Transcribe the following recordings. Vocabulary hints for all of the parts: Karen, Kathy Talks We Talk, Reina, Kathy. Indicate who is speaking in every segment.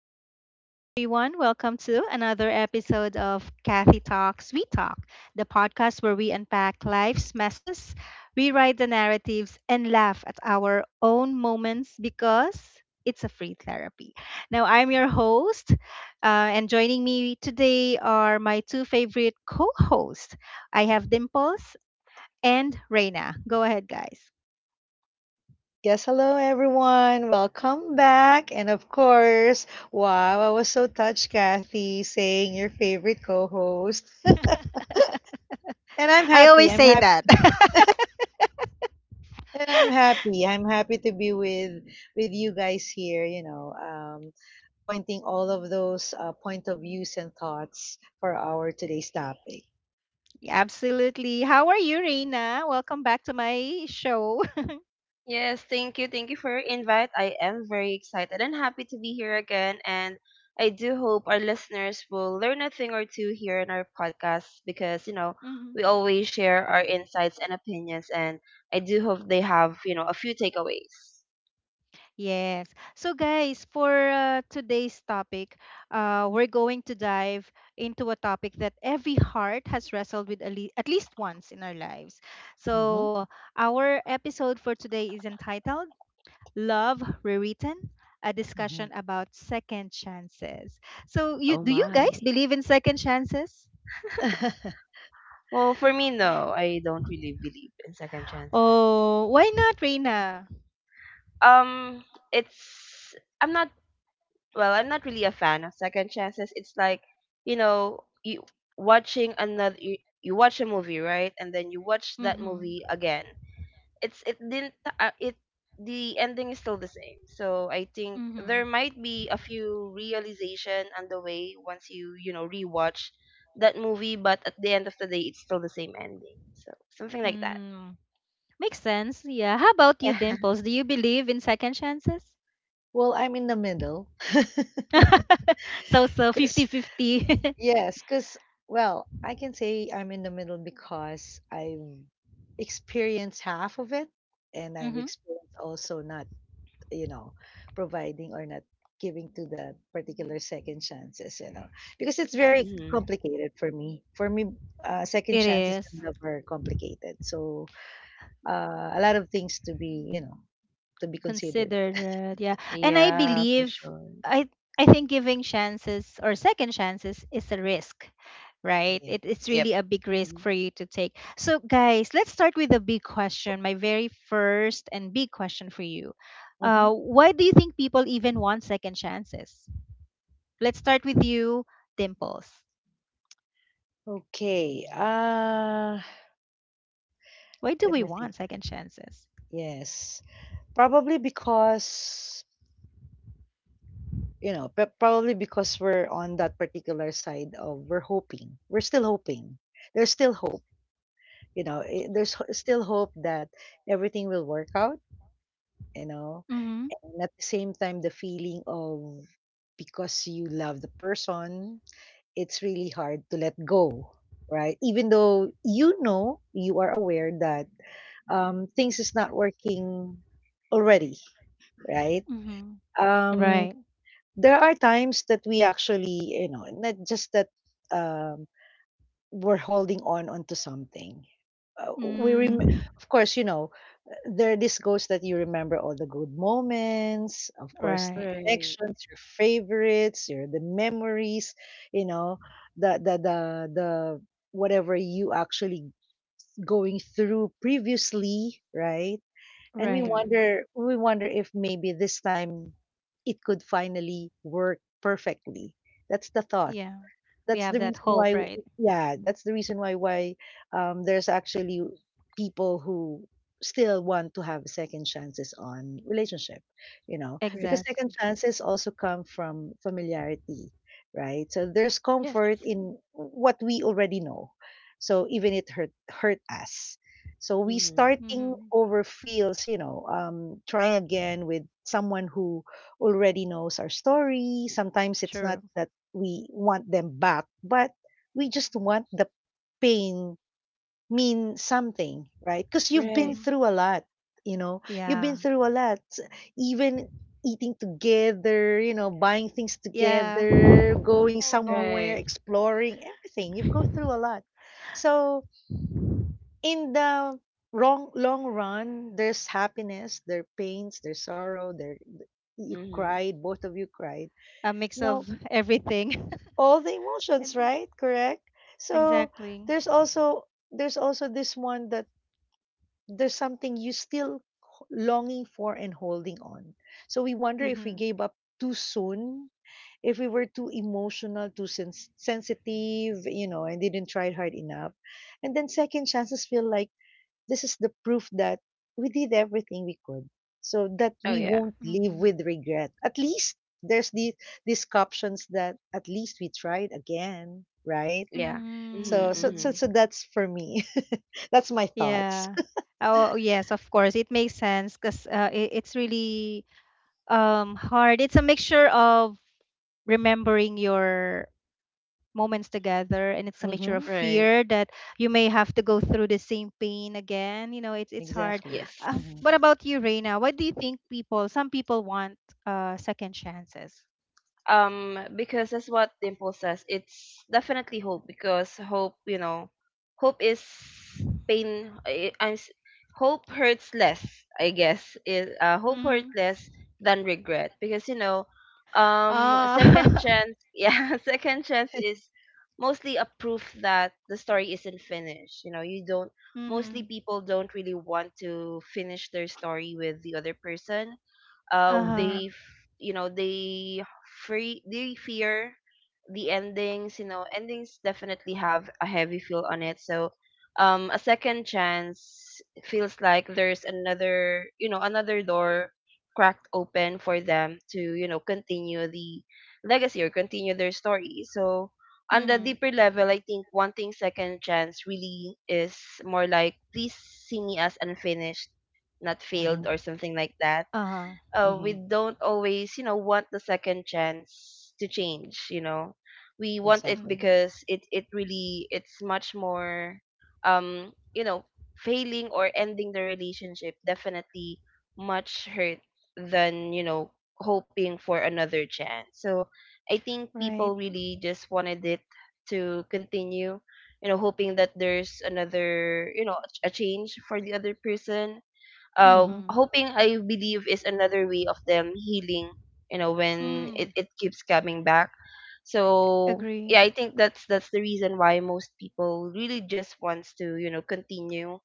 Speaker 1: Hello, hello, everyone. Welcome to another episode of Kathy Talks We Talk, the podcast where we unpack life's messes, rewrite the narratives, and laugh at our own moments because it's a free therapy. Now, I'm your host, and joining me today are my two favorite co hosts. I have Dimples and Reina. Go ahead, guys.
Speaker 2: Yes, hello everyone. Welcome back. And of course, wow, I was so touched, Kathy, saying your favorite co-host. And I'm
Speaker 1: I
Speaker 2: happy.
Speaker 1: always
Speaker 2: I'm
Speaker 1: say
Speaker 2: happy.
Speaker 1: that.
Speaker 2: And I'm happy. I'm happy to be with you guys here. You know, pointing all of those point of views and thoughts for our today's topic.
Speaker 1: Absolutely. How are you, Reina? Welcome back to my show.
Speaker 3: Yes, thank you. Thank you for your invite. I am very excited and happy to be here again. And I do hope our listeners will learn a thing or two here in our podcast because,
Speaker 1: Hmm.
Speaker 3: we always share our insights and opinions. And I do hope they have, a few takeaways.
Speaker 1: Yes. So, guys, for today's topic, we're going to dive into a topic that every heart has wrestled with at least once in our lives.
Speaker 2: Hmm.
Speaker 1: So, our episode for today is entitled Love Rewritten. A
Speaker 2: Hmm.
Speaker 1: discussion about second chances. So, you
Speaker 3: Oh,
Speaker 1: do you
Speaker 3: my.
Speaker 1: guys believe in second chances?
Speaker 3: Well, for me, no, I don't really believe in second chances.
Speaker 1: Oh, why not, Reina?
Speaker 3: Um, it's, I'm not well, I'm not really a fan of second chances. It's like, you know, you watching another you, you watch a movie, right? And then you watch that
Speaker 1: Mm-hmm.
Speaker 3: movie again. It's it didn't it the ending is still the same. So I think
Speaker 1: Mm-hmm.
Speaker 3: there might be a few realization on the way once you, rewatch that movie, but at the end of the day it's still the same ending. So something like that.
Speaker 1: Hmm. Makes sense. Yeah. How about you, Dimples? Do you believe in second chances?
Speaker 2: Well, I'm in the middle.
Speaker 1: So, fifty fifty. 50.
Speaker 2: Yes, because, well, I can say I'm in the middle because I've experienced half of it, and I've
Speaker 1: Mm-hmm.
Speaker 2: experienced also not, you know, providing or not giving to the particular second chances, you know, because it's
Speaker 3: Yeah.
Speaker 2: very
Speaker 3: Mhm.
Speaker 2: complicated for me. For me, second
Speaker 1: It
Speaker 2: chances
Speaker 1: is
Speaker 2: and love are complicated. So a lot of things to be considered.
Speaker 1: considered, yeah. And I
Speaker 3: Yeah, for
Speaker 1: believe
Speaker 3: sure.
Speaker 1: I I think giving chances or second chances is a risk, right?
Speaker 2: Yes.
Speaker 1: It's
Speaker 3: Yep.
Speaker 1: really a big risk
Speaker 3: Mhm.
Speaker 1: for you to take. So guys, let's start with a big question. My very first and big question for you.
Speaker 2: Mm-hmm.
Speaker 1: Why do you think people even want second chances? Let's start with you, Dimples.
Speaker 2: Okay.
Speaker 1: Why do
Speaker 2: Let
Speaker 1: we
Speaker 2: me think.
Speaker 1: want second chances?
Speaker 2: Yes. Probably because, you know, p- probably because we're on that particular side of we're hoping. We're still hoping. There's still hope. Still hope that everything will work out, you know.
Speaker 1: Mm-hmm.
Speaker 2: And at the same time, the feeling of because you love the person, it's really hard to let go, right? Even though you know, you are aware that things is not working already, right?
Speaker 1: Mm-hmm.
Speaker 2: Um,
Speaker 1: Right.
Speaker 2: there are times that we actually, not just that um, we're holding on onto something. Uh, we rem-
Speaker 1: Mm.
Speaker 2: of course, there this goes that you remember all the good moments, of course, the
Speaker 1: Right.
Speaker 3: Right.
Speaker 2: connections, your favorites, your the memories, you know, the the the the whatever you actually going through previously, right? And we
Speaker 1: Right.
Speaker 3: Mhm.
Speaker 2: wonder we wonder if maybe this time it could finally work perfectly. That's the thought.
Speaker 1: Yeah. We
Speaker 2: That's
Speaker 1: have
Speaker 2: the
Speaker 1: that
Speaker 2: reason
Speaker 1: hope,
Speaker 2: why.
Speaker 1: right?
Speaker 2: Yeah, that's the reason why there's actually people who still want to have second chances on relationship, you know, because
Speaker 3: Right.
Speaker 2: second
Speaker 1: Exactly.
Speaker 2: chances also come from familiarity, right? So there's
Speaker 3: Yes.
Speaker 2: comfort in what we already know. So even it hurt us. So we
Speaker 3: Mhm.
Speaker 2: starting
Speaker 1: Mm-hmm.
Speaker 2: over feels, trying again with someone who already knows our story. Sometimes it's not
Speaker 1: True.
Speaker 2: that we want them back, but we just want the pain mean something, right? Because you've been
Speaker 3: Right.
Speaker 1: Mm-hmm.
Speaker 2: through a lot, you know, you've been
Speaker 1: Yeah.
Speaker 2: through a lot, even eating together, you know, buying things
Speaker 1: Yeah.
Speaker 2: together,
Speaker 1: Oh
Speaker 2: going
Speaker 1: no.
Speaker 2: somewhere,
Speaker 3: Right.
Speaker 2: exploring, everything. You go through a lot. So in the wrong long run, there's happiness, there's pains, there's sorrow, there you
Speaker 3: Mhm.
Speaker 2: cried, both of you cried.
Speaker 1: A mix
Speaker 2: No,
Speaker 1: of everything.
Speaker 2: all the emotions,
Speaker 1: Ex-
Speaker 2: right? Correct. So
Speaker 1: Exactly.
Speaker 2: there's also this one that there's something you still longing for and holding on. So we wonder if we
Speaker 1: Mm-hmm.
Speaker 2: gave up too soon, if we were too emotional, too sensitive, and didn't try hard enough. And then second chances feel like this is the proof that we did everything we could so that
Speaker 3: Oh
Speaker 2: we
Speaker 3: yeah.
Speaker 2: won't live
Speaker 1: Mm-hmm.
Speaker 2: with regret. At least there's these captions that at least we tried again, right?
Speaker 3: Yeah. Mhm.
Speaker 2: So, so, so,
Speaker 3: Mhm.
Speaker 2: so
Speaker 1: Mm-hmm.
Speaker 2: that's for me. That's my thoughts.
Speaker 1: Yeah. Oh, yes, of course. It makes sense because it's really hard. It's a mixture of remembering your moments together, and it's a mixture of
Speaker 2: Mm-hmm.
Speaker 3: Right.
Speaker 1: fear that you may have to go through the same pain again. It's hard.
Speaker 2: Exactly.
Speaker 3: Yes.
Speaker 2: Mm-hmm.
Speaker 1: What about you, Reina? What do you think people some people want second chances?
Speaker 3: Because that's what Dimple says, it's definitely hope. Because hope you know hope is pain. Hope hurts less, I guess, is hope hurts
Speaker 1: Mm-hmm.
Speaker 3: less than regret because, second
Speaker 1: Uh.
Speaker 3: chance. Yeah, second chance is mostly a proof that the story isn't finished. You know you don't Mostly
Speaker 1: Mm-hmm.
Speaker 3: people don't really want to finish their story with the other person. uh
Speaker 1: Uh-huh.
Speaker 2: Mm-hmm.
Speaker 3: they f- you know they free they fear the endings. Endings definitely have a heavy feel on it. So, a second chance feels like there's another, another door cracked open for them to, continue the legacy or continue their story. So on the
Speaker 1: Mm-hmm.
Speaker 3: deeper level, I think wanting second chance really is more like, please see me as unfinished, not failed
Speaker 2: Mm-hmm.
Speaker 3: or something like that.
Speaker 1: Uh-huh.
Speaker 3: We
Speaker 2: Mm-hmm.
Speaker 3: don't always, want the second chance to change. You know, we want it
Speaker 2: Exactly.
Speaker 1: Mm-hmm.
Speaker 3: because it really it's much more, um, you know, failing or ending the relationship definitely much hurt than, hoping for another chance. So I think people
Speaker 1: Right.
Speaker 3: really just wanted it to continue, hoping that there's another, a change for the other person.
Speaker 2: Mm-hmm.
Speaker 1: Mm-hmm.
Speaker 3: Hoping, I believe, is another way of them healing, when it,
Speaker 1: Mm.
Speaker 3: it keeps coming back. So
Speaker 1: Agree.
Speaker 3: yeah, I think that's the reason why most people really just wants to, continue.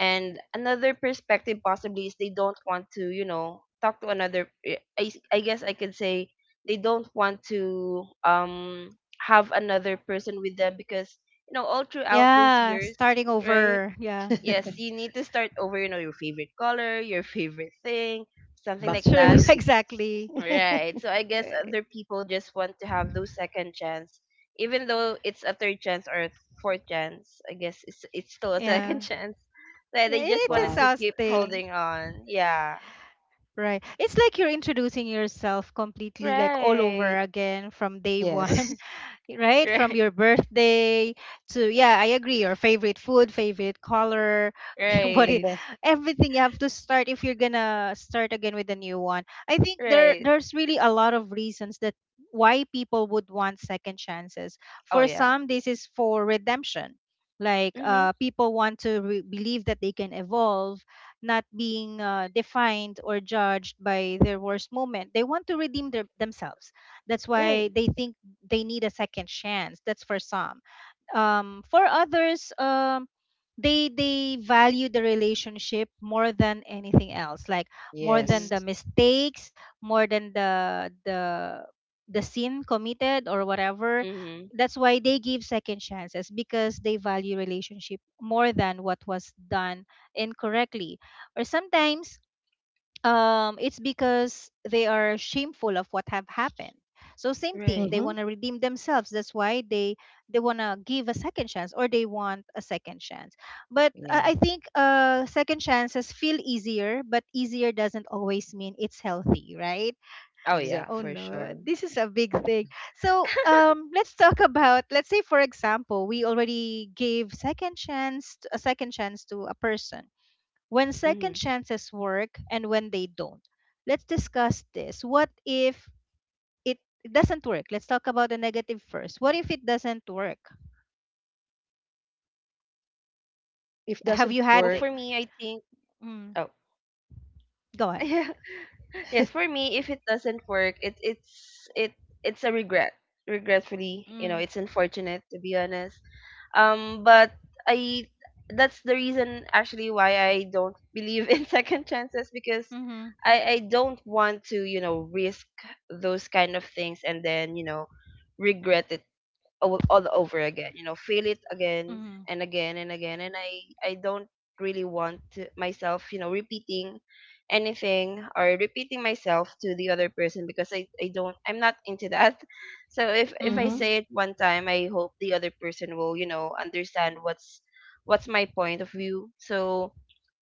Speaker 3: And another perspective possibly is they don't want to, talk to another I guess I could say they don't want to have another person with them because, all throughout those
Speaker 1: Yeah,
Speaker 3: years,
Speaker 1: starting
Speaker 3: right?
Speaker 1: over, yeah.
Speaker 3: Yes, you need to start over, your favorite color, your favorite thing, something
Speaker 1: That's
Speaker 2: Back
Speaker 3: like
Speaker 2: to
Speaker 3: that.
Speaker 1: true.
Speaker 2: basic.
Speaker 1: Exactly.
Speaker 3: Right. So I guess other people just want to have those second chance, even though it's a third chance or a fourth chance. I guess it's still a second
Speaker 1: Yeah.
Speaker 3: chance. That
Speaker 1: Yeah,
Speaker 3: they just
Speaker 1: it's
Speaker 3: wanted
Speaker 2: Wow.
Speaker 3: to keep
Speaker 1: exhausting.
Speaker 3: holding on. Yeah.
Speaker 1: Right. It's like you're introducing yourself completely, like all
Speaker 3: Right.
Speaker 1: over again from day
Speaker 2: Yes.
Speaker 1: one, right? From
Speaker 3: right.
Speaker 1: your birthday to, yeah, I agree, your favorite food, favorite color, what it,
Speaker 2: And
Speaker 3: Right.
Speaker 2: then,
Speaker 1: everything you have to start if you're gonna start again with a new one. I think there
Speaker 3: Right.
Speaker 1: there's really a lot of reasons that why people would want second chances.
Speaker 3: Oh
Speaker 1: For
Speaker 3: yeah.
Speaker 1: some, this is for redemption. Like,
Speaker 3: Mhm.
Speaker 1: people want to believe that they can evolve, not being defined or judged by their worst moment. They want to redeem themselves. That's why
Speaker 3: Right.
Speaker 1: they think they need a second chance. That's for some. For others, they value the relationship more than anything else, like more than
Speaker 2: yes.
Speaker 3: Mhm.
Speaker 1: the mistakes, more than the sin committed or whatever.
Speaker 3: Mhm.
Speaker 1: That's why they give second chances because they value relationship more than what was done incorrectly. Or sometimes it's because they are shameful of what have happened, so same thing,
Speaker 3: Right.
Speaker 1: they
Speaker 2: Mm-hmm.
Speaker 1: want to redeem themselves. That's why they want to give a second chance or they want a second chance. But I
Speaker 2: Yes.
Speaker 1: think second chances feel easier, but easier doesn't always mean it's healthy, right?
Speaker 3: Oh yeah,
Speaker 1: Oh
Speaker 2: Exactly.
Speaker 3: for
Speaker 1: no,
Speaker 3: sure.
Speaker 1: this is a big thing. So, let's talk about, let's say for example, we already gave second chance a second chance to a person, when second
Speaker 3: Mhm.
Speaker 1: chances work and when they don't. Let's discuss this. What if it doesn't work? Let's talk about the negative first. What if it doesn't work?
Speaker 2: If
Speaker 1: Have
Speaker 3: Well,
Speaker 2: doesn't
Speaker 1: you
Speaker 3: for
Speaker 1: had
Speaker 2: work,
Speaker 1: it?
Speaker 3: me, I think. Oh.
Speaker 1: Mm, go on.
Speaker 3: yeah. Yes, for me, if it doesn't work, it it's a regret. Regretfully,
Speaker 1: Mm.
Speaker 3: it's unfortunate to be honest. But I that's the reason actually why I don't believe in second chances because
Speaker 1: Mm-hmm.
Speaker 3: I don't want to, risk those kind of things and then, regret it all over again, feel it again
Speaker 1: Mm-hmm.
Speaker 3: and again and again, and I don't really want to, myself, repeating anything or repeating myself to the other person because I'm not into that. So if I
Speaker 2: Mm-hmm.
Speaker 1: Mm-hmm.
Speaker 3: say it one time, I hope the other person will, understand what's my point of view. So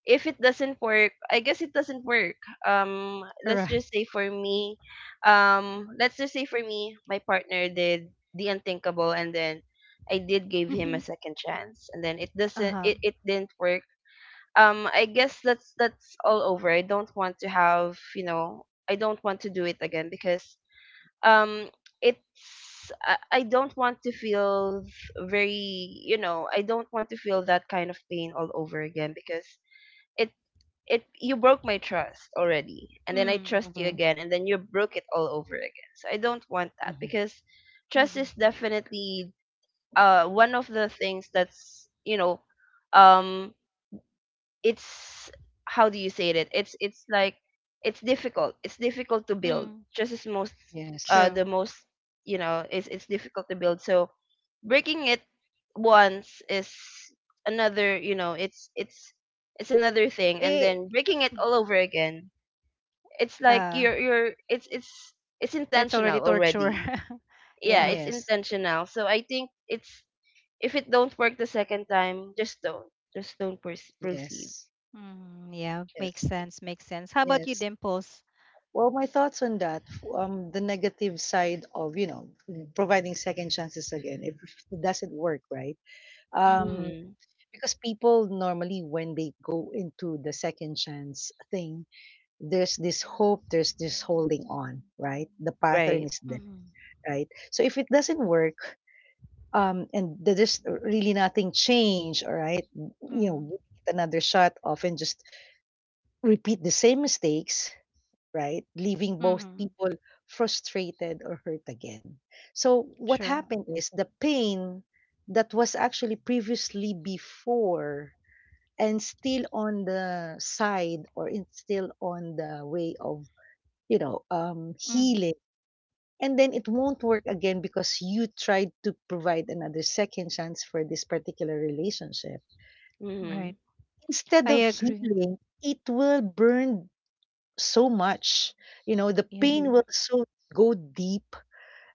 Speaker 3: if it doesn't work, I guess it doesn't work. Let's
Speaker 1: Right.
Speaker 3: just say for me, my partner did the unthinkable, and then I did give him
Speaker 1: Mm-hmm.
Speaker 3: a second chance, and then it doesn't,
Speaker 1: Uh-huh.
Speaker 3: it didn't work. I guess that's all over. I don't want to have, I don't want to do it again because, um, I don't want to feel very, I don't want to feel that kind of pain all over again because it it you broke my trust already, and then I
Speaker 1: Mm.
Speaker 3: trust you
Speaker 2: Mm-hmm.
Speaker 3: again and then you broke it all over again, so I don't want that.
Speaker 2: Mm-hmm.
Speaker 3: Because trust is
Speaker 1: Mm-hmm.
Speaker 3: definitely, one of the things that's, um it's how do you say it, it's like, it's difficult to build,
Speaker 1: Mm.
Speaker 3: just as most,
Speaker 2: Yes.
Speaker 1: True.
Speaker 3: the most, it's difficult to build. So breaking it once is another, it's another thing, and
Speaker 1: It,
Speaker 3: then breaking it all over again, it's like
Speaker 1: uh,
Speaker 3: you're it's
Speaker 1: it's already
Speaker 3: intentional
Speaker 1: torture.
Speaker 3: already. Yeah,
Speaker 1: Yeah.
Speaker 3: it's
Speaker 2: Yes.
Speaker 3: intentional. So I think it's if it don't work the second time, just don't, proceed.
Speaker 2: Yes.
Speaker 1: Mm, yeah.
Speaker 2: Yes.
Speaker 1: Makes sense. Makes sense. How about you,
Speaker 2: Yes.
Speaker 1: Dimples?
Speaker 2: Well, my thoughts on that, the negative side of, you know, providing second chances again, if it doesn't work, right? Um,
Speaker 1: Mm-hmm.
Speaker 3: Mm-hmm.
Speaker 2: because people normally, when they go into the second chance thing, there's this hope, there's this holding on, right? The pattern
Speaker 3: Right.
Speaker 2: is there,
Speaker 1: Mm-hmm.
Speaker 2: right? So if it doesn't work, and there's really nothing changed, all right? You know, give it another shot, often just repeat the same mistakes, right? Leaving both
Speaker 1: Mm-hmm.
Speaker 2: people frustrated or hurt again. So what
Speaker 1: True.
Speaker 2: happened is the pain that was actually previously before and still on the side, or it's still on the way of
Speaker 1: Mhm.
Speaker 2: healing, and then it won't work again because you tried to provide another second chance for this particular relationship.
Speaker 3: Mm-hmm.
Speaker 1: Right.
Speaker 2: Instead
Speaker 1: I
Speaker 2: of
Speaker 1: agree.
Speaker 2: healing, it will burn so much. You know, the
Speaker 1: Yeah.
Speaker 3: Mm-hmm.
Speaker 2: pain will so go deep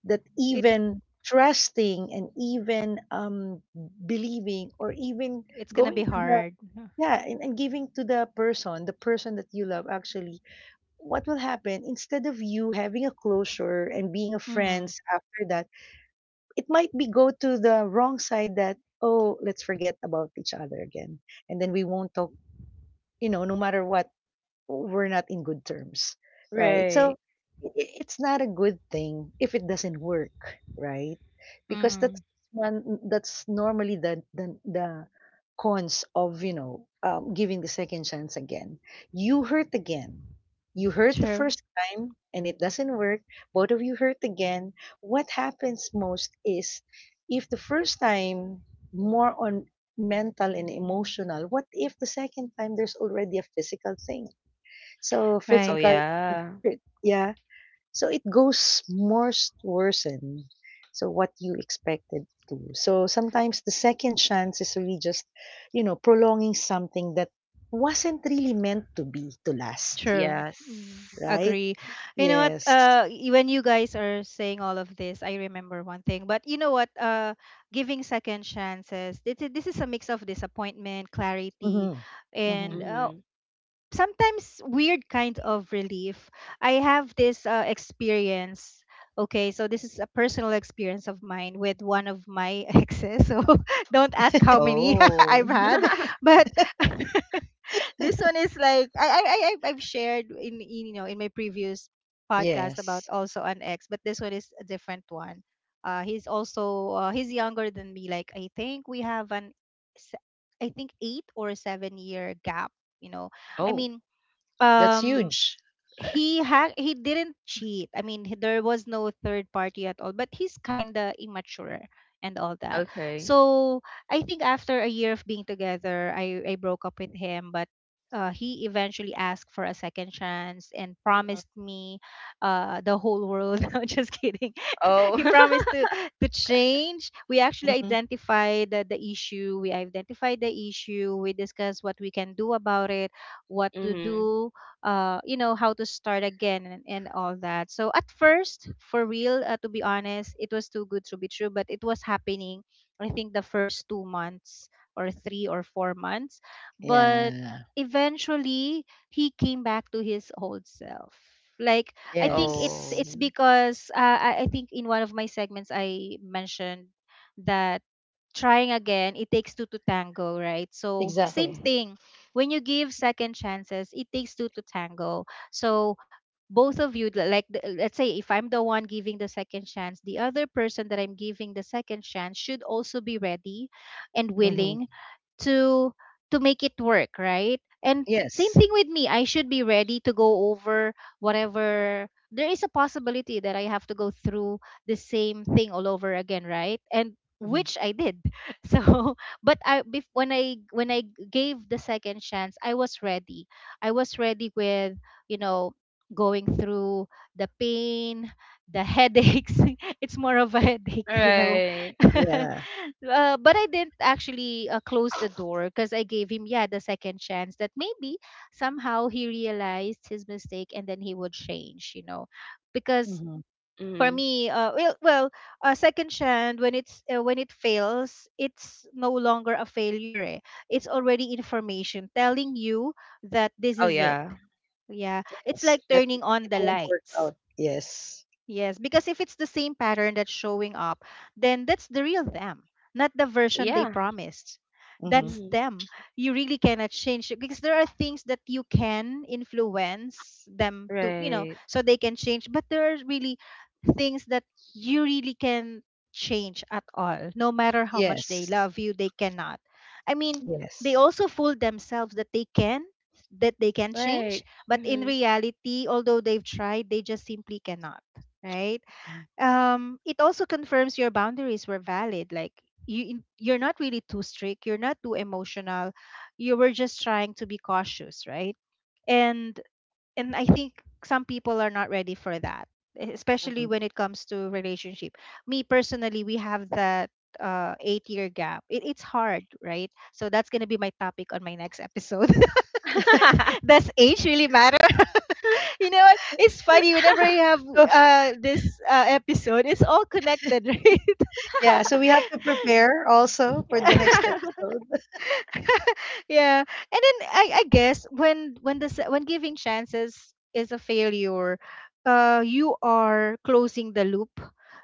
Speaker 2: that
Speaker 1: It
Speaker 2: even trusting and even believing, or even
Speaker 1: it's gonna
Speaker 2: going
Speaker 1: be
Speaker 2: to the,
Speaker 1: hard.
Speaker 2: yeah, and giving to the person that you love. Actually what will happen, instead of you having a closure and being a
Speaker 1: Mhm.
Speaker 2: friends after that, it might be go to the wrong side that, oh, let's forget about each other again, and then we won't talk, no matter what, we're not in good terms, right?
Speaker 3: Right.
Speaker 2: So it's not a good thing if it doesn't work, right? Because
Speaker 1: Mhm.
Speaker 2: that's one that's normally the cons of giving the second chance again. You hurt again. You hurt the
Speaker 1: True.
Speaker 2: first time and it doesn't work. Both of you hurt again. What happens most is, if the first time more on mental and emotional, what if the second time there's already a physical thing? So
Speaker 3: Oh
Speaker 1: Right.
Speaker 2: physical,
Speaker 3: yeah.
Speaker 2: yeah. So it goes more worsen. So what you expected to. So sometimes the second chance is really just, you know, prolonging something that wasn't really meant to be to last,
Speaker 1: True.
Speaker 3: Yes.
Speaker 1: Mm,
Speaker 2: right?
Speaker 1: agree. You know what?
Speaker 2: Yes.
Speaker 1: When you guys are saying all of this, I remember one thing. But you know what? Giving second chances. This is a mix of disappointment, clarity,
Speaker 2: Mm-hmm.
Speaker 1: and
Speaker 2: Mm-hmm.
Speaker 3: Mm-hmm.
Speaker 1: sometimes weird kind of relief. I have this experience. Okay, so this is a personal experience of mine with one of my exes. So don't ask how many I've
Speaker 3: Oh.
Speaker 1: had, but this one is like I've shared in in my previous podcast about
Speaker 2: Yes.
Speaker 1: also an ex, but this one is a different one. He's younger than me. Like, I think we have se- I think 8 or 7 year gap. You know, I
Speaker 3: oh.
Speaker 1: mean,
Speaker 2: That's
Speaker 1: um
Speaker 2: huge.
Speaker 1: he didn't cheat. There was no third party at all, but he's kind of immature and all that.
Speaker 3: Okay.
Speaker 1: So I think after a year of being together, I broke up with him. But he eventually asked for a second chance and promised me the whole world. No, just kidding.
Speaker 3: Oh.
Speaker 1: He promised to change. We actually
Speaker 2: Mm-hmm.
Speaker 1: identified the issue. We identified the issue. We discussed what we can do about it, what to
Speaker 3: mm-hmm.
Speaker 1: do, how to start again, and all that. So at first, for real, to be honest, it was too good to be true, but it was happening. I think the first 2 months or 3 or 4 months, but
Speaker 2: Yeah.
Speaker 1: eventually he came back to his old self. Like, I think it's
Speaker 3: Oh.
Speaker 2: Yes.
Speaker 1: it's because I think in one of my segments I mentioned that trying again, it takes two to tango, right? So same
Speaker 2: Exactly.
Speaker 1: thing. When you give second chances, it takes two to tango. So both of you, like let's say if I'm the one giving the second chance, the other person that I'm giving the second chance should also be ready and
Speaker 2: Mm-hmm.
Speaker 1: willing to to make it work, right? And same
Speaker 2: Yes.
Speaker 1: thing with me. I should be ready to go over whatever, there is a possibility that I have to go through the same thing all over again, right? And
Speaker 2: Mm-hmm.
Speaker 1: which I did. So, but when I gave the second chance, I was ready. I was ready with, you know, going through the pain, the headaches. It's more of a headache.
Speaker 3: Right.
Speaker 2: Yeah.
Speaker 1: But I didn't actually close the door, because I gave him, yeah, the second chance, that maybe somehow he realized his mistake and then he would change, because
Speaker 2: Mhm.
Speaker 1: for
Speaker 3: Mm-hmm.
Speaker 1: me, well, a second chance when it's when it fails, it's no longer a failure. Eh. It's already information telling you that this
Speaker 3: Oh
Speaker 1: is it.
Speaker 3: yeah.
Speaker 1: Yeah, it's
Speaker 2: Yes,
Speaker 1: like
Speaker 2: that
Speaker 1: turning
Speaker 2: it,
Speaker 1: on
Speaker 2: it
Speaker 1: the
Speaker 2: won't work
Speaker 1: lights.
Speaker 2: out. Yes.
Speaker 1: Yes, because if it's the same pattern that's showing up, then that's the real them, not the version they
Speaker 3: Yeah.
Speaker 1: promised.
Speaker 2: Mm-hmm.
Speaker 1: That's
Speaker 3: Mm-hmm.
Speaker 1: them. You really cannot change it, because there are things that you can influence them to,
Speaker 3: Right.
Speaker 1: so they can change. But there are really things that you really can change at all. No matter how much they
Speaker 2: Yes.
Speaker 1: love you, they cannot. I mean, they
Speaker 2: Yes.
Speaker 1: also fool themselves that they can, change.
Speaker 3: Right.
Speaker 1: But in
Speaker 3: Mm-hmm.
Speaker 1: reality, although they've tried, they just simply cannot, right? It also confirms your boundaries were valid. Like, you, you're not really too strict. You're not too emotional. You were just trying to be cautious, right? And and I think some people are not ready for that,
Speaker 2: Mm-hmm.
Speaker 1: especially when it comes to relationship. Me personally, we have that 8 year gap. It's hard, right? So that's going to be my topic on my next episode. Does age really matter? You know what? It's funny whenever you have
Speaker 2: So,
Speaker 1: this episode, it's all connected, right?
Speaker 2: yeah, so we have to prepare also for the next episode.
Speaker 1: Yeah. And then I guess when when giving chances is a failure, you are closing the loop,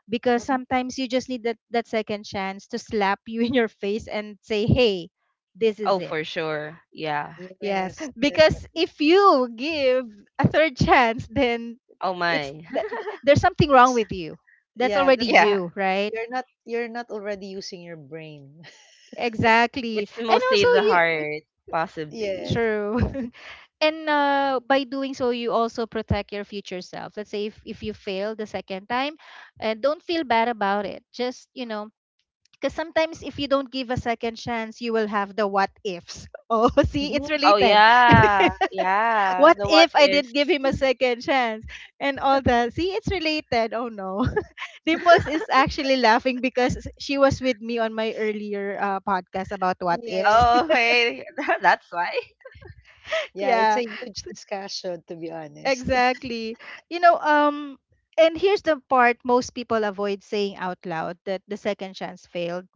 Speaker 1: because
Speaker 2: Mhm.
Speaker 1: sometimes you just need that second chance to slap you in your face and say, "Hey, this is
Speaker 3: oh,
Speaker 1: it."
Speaker 3: for sure. Yeah.
Speaker 1: Yes,
Speaker 2: Yes,
Speaker 1: because
Speaker 2: definitely.
Speaker 1: if you give a third chance, then
Speaker 3: Oh
Speaker 1: it's
Speaker 3: my.
Speaker 1: th- there's something wrong
Speaker 2: That's,
Speaker 1: with you. That's
Speaker 2: yeah,
Speaker 1: already
Speaker 2: that's,
Speaker 3: yeah.
Speaker 1: you, right?
Speaker 2: you're not already using your brain.
Speaker 1: Exactly.
Speaker 3: It's
Speaker 1: And
Speaker 3: mostly
Speaker 1: also
Speaker 3: the
Speaker 1: you.
Speaker 3: heart, possibly.
Speaker 2: Yes.
Speaker 1: True. And by doing so, you also protect your future self. Let's say if, you fail the second time, don't feel bad about it. Just, because sometimes if you don't give a second chance, you will have the what ifs. Oh, see, it's
Speaker 2: Hmm.
Speaker 3: Oh
Speaker 1: related.
Speaker 3: yeah, yeah.
Speaker 1: What
Speaker 3: The what
Speaker 1: if I
Speaker 3: if?
Speaker 1: didn't give him a second chance? And all that. See, it's related. Oh no. Dimples is actually laughing because she was with me on my earlier podcast about what ifs.
Speaker 2: Yes.
Speaker 3: Oh okay, that's why.
Speaker 2: Yeah, it's
Speaker 1: Yeah.
Speaker 2: a huge discussion to be honest.
Speaker 1: Exactly. You know, and here's the part most people avoid saying out loud, that the second chance failed.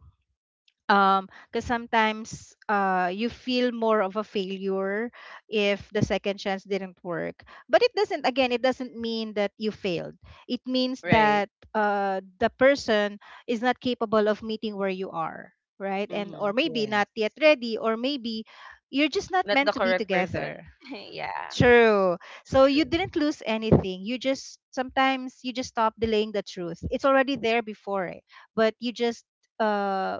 Speaker 1: Because sometimes you feel more of a failure if the second chance didn't work. But it doesn't, again, it doesn't mean that you failed. It means
Speaker 3: Right.
Speaker 1: that the person is not capable of meeting where you are, right? And
Speaker 3: Mm-hmm.
Speaker 1: or maybe
Speaker 2: Yes,
Speaker 1: not yet ready, or maybe you're just not
Speaker 3: Not the
Speaker 1: meant to be
Speaker 3: correct person.
Speaker 1: together.
Speaker 3: yeah.
Speaker 1: True. So you
Speaker 2: true.
Speaker 1: didn't lose anything. You just, sometimes you just stop delaying the truth. It's already there before, but you just uh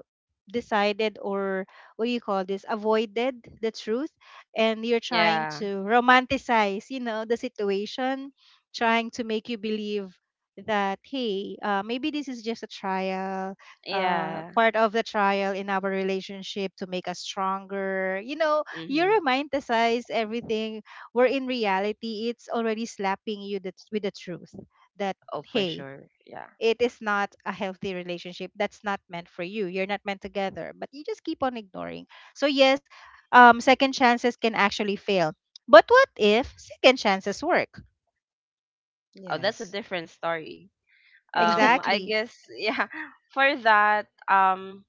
Speaker 1: decided or, what do you call this? Avoided the truth, and you're trying
Speaker 3: Yeah.
Speaker 1: to romanticize, the situation, trying to make you believe that hey, maybe this is just a trial,
Speaker 3: Yeah.
Speaker 1: part of the trial in our relationship to make us stronger. You know, you
Speaker 3: Mm-hmm.
Speaker 1: romanticize everything where in reality it's already slapping you with the truth that
Speaker 3: Oh, for
Speaker 1: hey,
Speaker 3: sure. Yeah.
Speaker 1: it is not a healthy relationship, that's not meant for you, you're not meant together, but you just keep on ignoring. So yes, second chances can actually fail, but what if second chances work?
Speaker 3: Oh, that's a
Speaker 2: Yes.
Speaker 3: different story. I
Speaker 1: Exactly.
Speaker 3: guess yeah. For that,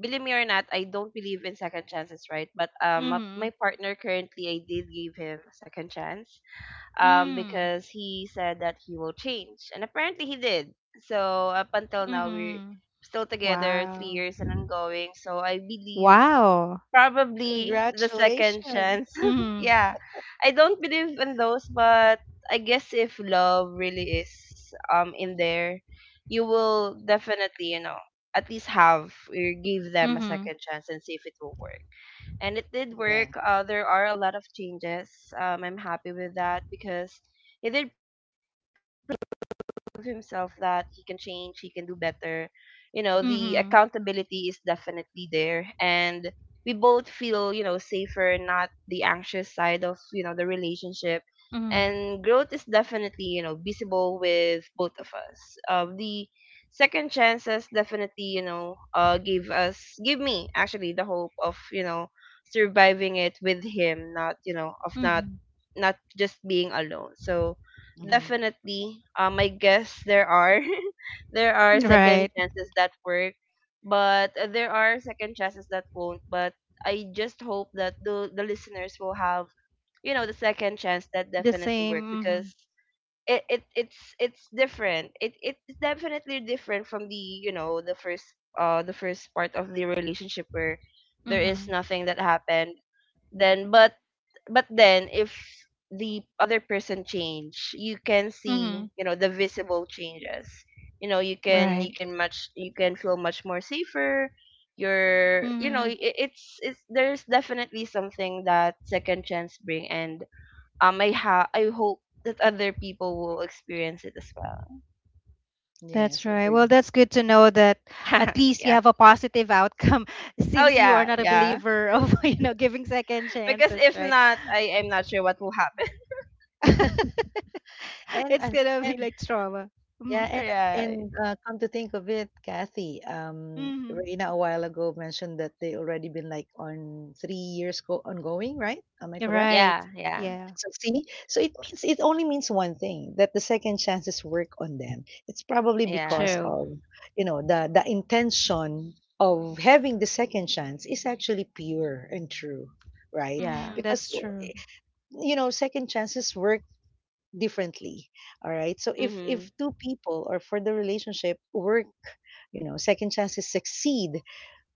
Speaker 3: believe me or not, I don't believe,
Speaker 1: Mm-hmm. Mm.
Speaker 3: because he said that he will change, and apparently he did. So up until now, we're
Speaker 1: Mm-hmm.
Speaker 3: still together, three
Speaker 1: Wow.
Speaker 3: years and ongoing. So I believe
Speaker 1: Wow.
Speaker 3: probably the second
Speaker 2: Congratulations.
Speaker 3: chance.
Speaker 1: Mm.
Speaker 3: Yeah, I don't believe in those, but I guess if love really is, in there, you will definitely, at least have or give them a
Speaker 1: Mm-hmm.
Speaker 3: second chance and see if it will work. And it did
Speaker 2: Yeah.
Speaker 3: work. There are a lot of changes. I'm happy with that because he did prove himself. He proved himself that he can change, he can do better. You know, the
Speaker 1: Mm-hmm.
Speaker 3: accountability is definitely there, and we both feel, safer, not the anxious side of, the relationship.
Speaker 1: Mm-hmm.
Speaker 3: And growth is definitely, visible with both of us. The second chances definitely, gave us give me actually the hope of, surviving it with him, not, of not
Speaker 1: Mm-hmm.
Speaker 3: not just being alone. So
Speaker 2: Hmm.
Speaker 3: definitely, I guess there are there are second
Speaker 1: Right.
Speaker 3: chances that work, but, there are second chances that won't. But I just hope that the listeners will have, the second chance that
Speaker 1: The
Speaker 3: definitely
Speaker 1: same.
Speaker 3: work
Speaker 1: Mm-hmm.
Speaker 3: because it's different. It's definitely different from the you know the first part of the relationship where there is
Speaker 1: Mm-hmm.
Speaker 3: nothing that happened. Then, but then if the other person change, you can see,
Speaker 1: Mm-hmm.
Speaker 3: the visible changes.
Speaker 1: Right.
Speaker 3: You can feel much more safer. You're you know
Speaker 1: Hmm.
Speaker 3: it, it's There's definitely something that second chance bring, and, I hope that other people will experience it as well.
Speaker 1: That's
Speaker 2: Yes,
Speaker 1: right.
Speaker 2: agree.
Speaker 1: Well, that's good to know that at least you
Speaker 3: Yeah.
Speaker 1: have a positive outcome,
Speaker 3: Oh
Speaker 1: since you are
Speaker 3: yeah,
Speaker 1: not a
Speaker 3: yeah.
Speaker 1: believer of, you know, giving second
Speaker 3: Because
Speaker 1: chances,
Speaker 3: if
Speaker 1: right?
Speaker 3: not, I'm not sure what will happen.
Speaker 2: And
Speaker 1: It's
Speaker 2: and
Speaker 1: gonna be
Speaker 2: and
Speaker 1: like trauma. Mm-hmm.
Speaker 2: yeah, and
Speaker 3: Right.
Speaker 2: and uh, come to think of it, Kathy,
Speaker 1: Mm-hmm.
Speaker 2: Reina a while ago mentioned that they already been like on 3 years go ongoing, right? Am I correct?
Speaker 3: Yeah,
Speaker 1: Right.
Speaker 3: yeah.
Speaker 1: Yeah.
Speaker 2: So see, so it only means one thing, that the second chances work on them. It's probably
Speaker 3: Yeah.
Speaker 2: because
Speaker 1: True.
Speaker 2: of the intention of having the second chance is actually pure and true, right?
Speaker 3: Yeah.
Speaker 1: Mm,
Speaker 2: Because
Speaker 1: that's true.
Speaker 2: you know second chances work differently. All right, so if
Speaker 3: Mhm.
Speaker 2: if two people or for the relationship work, you know, second chances succeed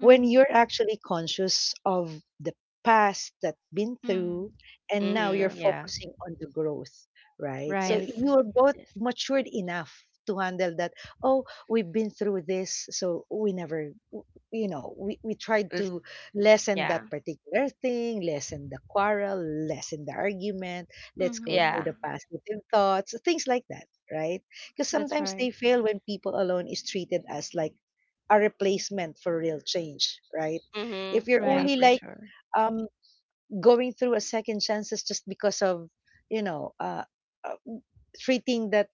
Speaker 2: when you're actually conscious of the past that been
Speaker 1: Hmm.
Speaker 2: through, and now
Speaker 3: Mhm.
Speaker 2: you're
Speaker 1: True.
Speaker 3: Yeah.
Speaker 2: focusing on the growth, right? So
Speaker 3: Yes.
Speaker 1: Right.
Speaker 2: you're both
Speaker 3: Yes.
Speaker 2: matured enough to handle that. Oh, we've been through this, so we never we tried
Speaker 3: Let's-
Speaker 2: to lessen
Speaker 3: yeah.
Speaker 2: that particular thing, lessen the quarrel, lessen the argument, let's go through
Speaker 1: Hmm.
Speaker 3: Yeah.
Speaker 2: the positive thoughts, things like that, right? Because
Speaker 1: That's
Speaker 2: sometimes
Speaker 1: right.
Speaker 2: they fail when people alone is treated as like a replacement for real change, right? If
Speaker 3: Mhm.
Speaker 2: you're
Speaker 3: Yeah,
Speaker 1: Right.
Speaker 2: only
Speaker 3: for
Speaker 2: like
Speaker 3: sure.
Speaker 2: um going through a second chances just because of you know uh, uh treating that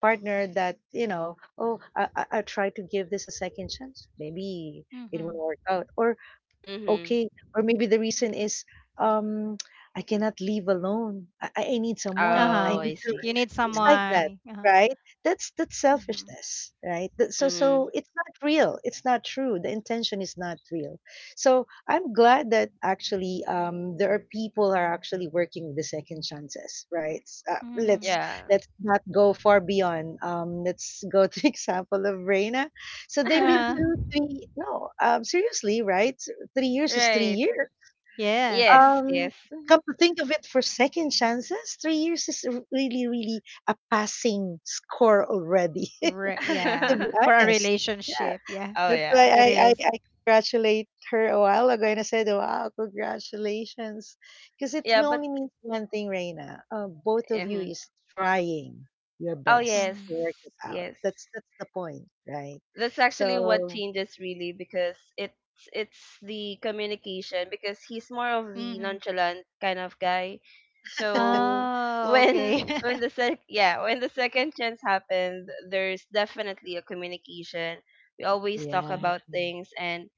Speaker 2: partner that you know, oh, I try to give this a second chance. Maybe it
Speaker 1: Hmm.
Speaker 2: won't work out, or
Speaker 3: Mhm.
Speaker 2: okay, or maybe the reason is um I cannot live alone. I need
Speaker 1: Uh
Speaker 2: someone. I
Speaker 3: Oh,
Speaker 1: huh.
Speaker 2: need
Speaker 3: I
Speaker 2: to.
Speaker 3: see.
Speaker 1: You need
Speaker 2: It's like
Speaker 3: Mhm.
Speaker 2: that,
Speaker 1: someone. Uh huh.
Speaker 2: right? That's
Speaker 1: Hmm.
Speaker 2: selfishness, right? So
Speaker 3: Mhm.
Speaker 2: it's not real, it's not true, the intention is not real. So I'm glad that actually there are people are actually working with the second chances, right? Let's
Speaker 1: Hmm.
Speaker 3: Yeah.
Speaker 2: let's not go far beyond. Let's go to example of Reina. So they've been
Speaker 1: Uh,
Speaker 2: through three, no, seriously, right? 3 years is 3
Speaker 3: right.
Speaker 2: years.
Speaker 1: yes.
Speaker 3: Yes,
Speaker 2: Um,
Speaker 3: yes.
Speaker 2: come to think of it, for second chances, 3 years is really, really a passing score already,
Speaker 1: Re,
Speaker 2: to
Speaker 1: yeah,
Speaker 2: be
Speaker 1: for a
Speaker 2: honest. Yeah,
Speaker 1: relationship. Yeah,
Speaker 3: oh
Speaker 2: that's why
Speaker 3: yeah.
Speaker 1: it
Speaker 2: I, I,
Speaker 1: is.
Speaker 2: I congratulate her a while ago and I said, wow, congratulations. Because it
Speaker 3: Yeah, but
Speaker 2: only means one thing, Reina. Both of you
Speaker 3: mhm.
Speaker 2: is trying your
Speaker 3: Oh
Speaker 2: best
Speaker 3: yes,
Speaker 1: Mm-hmm.
Speaker 2: to work it out.
Speaker 3: yes,
Speaker 2: That's the point, right?
Speaker 3: that's actually what
Speaker 2: So,
Speaker 3: changes really because it's the communication, because he's more of the
Speaker 1: Mm-hmm.
Speaker 3: nonchalant kind of guy, so
Speaker 1: Oh,
Speaker 3: when
Speaker 1: okay.
Speaker 3: when the sec yeah, when the second chance happened, there's definitely a communication. We always talk
Speaker 2: yeah.
Speaker 3: about things, and,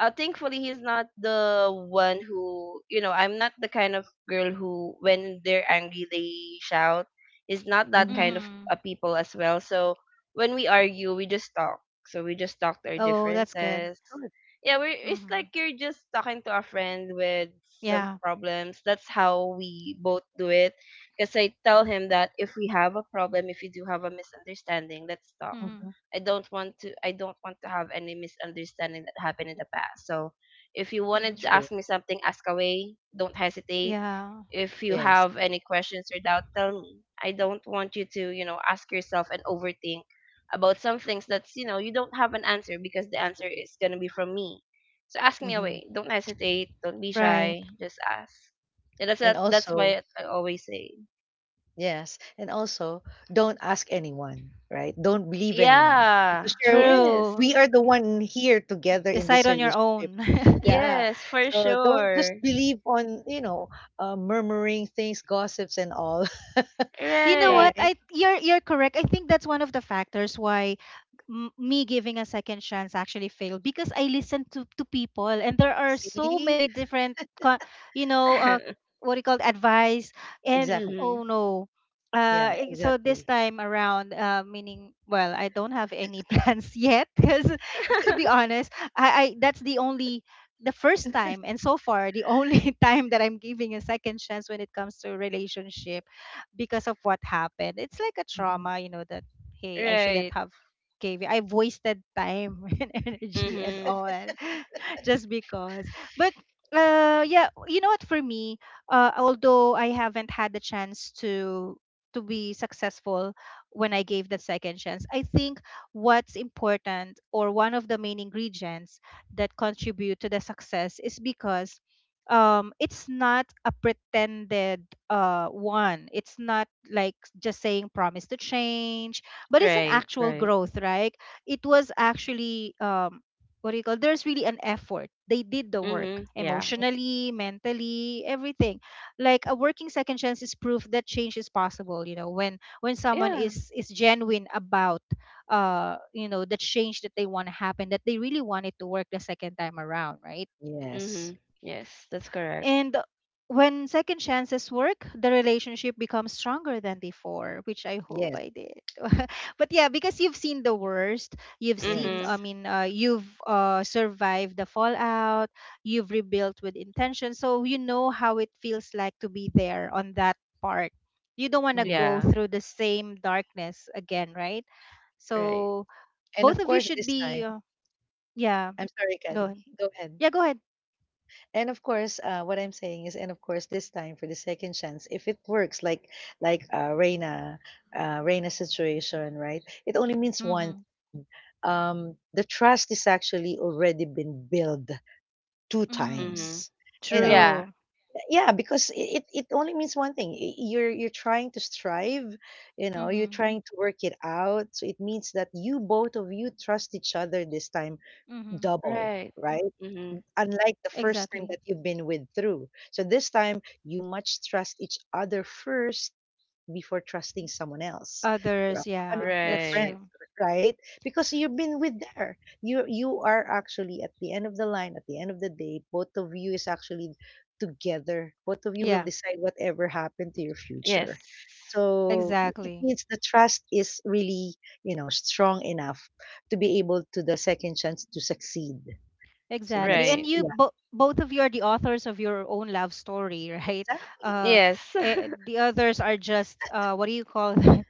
Speaker 3: thankfully he's not the one who, I'm not the kind of girl who, when they're angry, they shout. Is not that
Speaker 2: Hmm.
Speaker 3: kind of,
Speaker 1: Mm-hmm.
Speaker 3: people as well. So when we argue we just talk, so we just talked our
Speaker 1: Oh, that's good.
Speaker 3: differences.
Speaker 2: Good.
Speaker 3: Yeah, we it's
Speaker 1: Mm-hmm.
Speaker 3: like you're just talking to a friend with some
Speaker 1: Yeah.
Speaker 3: problems. That's how we both do it. Because I tell him that if we have a problem, if we do have a misunderstanding, let's talk.
Speaker 2: Hmm.
Speaker 1: Mm-hmm.
Speaker 3: I don't want to have any misunderstanding that happened in the past. So if you wanted to
Speaker 1: Mm-hmm.
Speaker 2: True.
Speaker 3: ask me something, ask away. Don't hesitate,
Speaker 1: Yeah,
Speaker 3: if you
Speaker 2: Yes.
Speaker 3: have any questions or doubt, tell me. I don't want you to, ask yourself and overthink about some things that's, you don't have an answer because the answer is going to be from me. So ask me
Speaker 2: Mhm.
Speaker 3: away. Don't hesitate. Don't be shy.
Speaker 1: right.
Speaker 3: Just ask. So
Speaker 2: And
Speaker 3: that's
Speaker 2: also,
Speaker 3: why I always say.
Speaker 2: yes, and also don't ask anyone, right? Don't believe anyone
Speaker 3: Yeah.
Speaker 2: because
Speaker 1: True.
Speaker 2: we
Speaker 3: Yes.
Speaker 2: are the one here together in
Speaker 1: Decide
Speaker 2: this
Speaker 1: on your
Speaker 2: relationship.
Speaker 1: own.
Speaker 2: Yeah.
Speaker 3: Yes, for
Speaker 2: So don't just
Speaker 3: sure.
Speaker 2: believe on, murmuring things, gossips, and all,
Speaker 1: You know what?
Speaker 3: Right.
Speaker 2: right?
Speaker 1: I You're correct. I think that's one of the factors why me giving a second chance actually failed, because I listened to people and there are so
Speaker 2: See?
Speaker 1: many different, you know, what do you call it, advice, and
Speaker 2: Exactly.
Speaker 3: Mhm.
Speaker 1: oh no.
Speaker 2: Yeah,
Speaker 1: So this
Speaker 2: exactly.
Speaker 1: time around, meaning, well, I don't have any plans yet because to be honest, I that's the only, the first time and so far the only time that I'm giving a second chance when it comes to relationship, because of what happened. It's like a
Speaker 2: Mhm.
Speaker 1: trauma, you know, that hey, I shouldn't
Speaker 3: Right.
Speaker 1: have caving. I've wasted time and energy and
Speaker 3: Mhm.
Speaker 1: all just because. But yeah, you know what? For me, although I haven't had the chance to be successful when I gave the second chance, I think what's important, or one of the main ingredients that contribute to the success, is because it's not a pretended one, it's not like just saying promise to change, but it's an
Speaker 3: Right,
Speaker 1: actual
Speaker 3: right.
Speaker 1: growth, right? It was actually what do you call, there's really an effort, they did the work
Speaker 3: Mhm. Yeah.
Speaker 2: Mm,
Speaker 1: emotionally, mentally, everything. Like a working second chance is proof that change is possible, you know, when someone
Speaker 3: Yeah.
Speaker 1: is genuine about you know, the change that they want to happen, that they really want it to work the second time around, right?
Speaker 3: Mm-hmm.
Speaker 2: yes.
Speaker 3: Yes, that's correct.
Speaker 1: And when second chances work, the relationship becomes stronger than before, which I hope
Speaker 2: Yes.
Speaker 1: I did. But yeah, because you've seen the worst, you've seen,
Speaker 3: Mm-hmm.
Speaker 1: I
Speaker 2: Yes.
Speaker 1: mean, you've survived the fallout, you've rebuilt with intention. So you know how it feels like to be there on that part. You don't want to
Speaker 2: Hmm.
Speaker 1: go
Speaker 3: Yeah.
Speaker 1: through the same darkness again, right?
Speaker 3: Right.
Speaker 1: So
Speaker 2: And
Speaker 1: both
Speaker 2: of
Speaker 1: of you
Speaker 2: course,
Speaker 1: should
Speaker 2: this
Speaker 1: be,
Speaker 2: time,
Speaker 1: yeah,
Speaker 2: I'm sorry,
Speaker 1: go
Speaker 2: Kathy.
Speaker 1: ahead.
Speaker 2: Go ahead.
Speaker 1: Yeah, go ahead.
Speaker 2: And of course, what I'm saying is, and of course, this time for the second chance, if it works, like like Reina's situation, right? It only means one.
Speaker 1: Mm-hmm.
Speaker 2: The trust is actually already been built two
Speaker 1: Mm,
Speaker 3: Mm-hmm.
Speaker 2: times. You know,
Speaker 3: Yeah.
Speaker 1: true.
Speaker 2: yeah, because it only means one thing. You're trying to strive, you know, you're
Speaker 1: Mm-hmm.
Speaker 2: trying to work it out. So it means that you both of you trust each other this time
Speaker 1: Mm-hmm.
Speaker 2: double,
Speaker 3: Right.
Speaker 2: right?
Speaker 3: Mm-hmm.
Speaker 2: Unlike the first time
Speaker 1: Exactly.
Speaker 2: that you've been with through. So this time you must trust each other first before trusting someone else or a
Speaker 1: Others,
Speaker 2: family
Speaker 1: yeah,
Speaker 2: or
Speaker 1: that's
Speaker 2: friends,
Speaker 3: Right.
Speaker 1: true.
Speaker 2: right? Because you've been with there. You are actually at the end of the line, at the end of the day, both of you is actually together. Both of you will
Speaker 1: Yeah,
Speaker 2: decide whatever happened to your
Speaker 3: Yes.
Speaker 2: future. So it
Speaker 1: exactly.
Speaker 2: means the trust is really, strong enough to be able to the second chance to succeed. So
Speaker 1: Exactly.
Speaker 2: that's
Speaker 1: And
Speaker 3: Right.
Speaker 1: you both of you are the authors of your own love story, right?
Speaker 2: exactly.
Speaker 1: Uh,
Speaker 3: Yes.
Speaker 1: the others are just uh, what do you call that?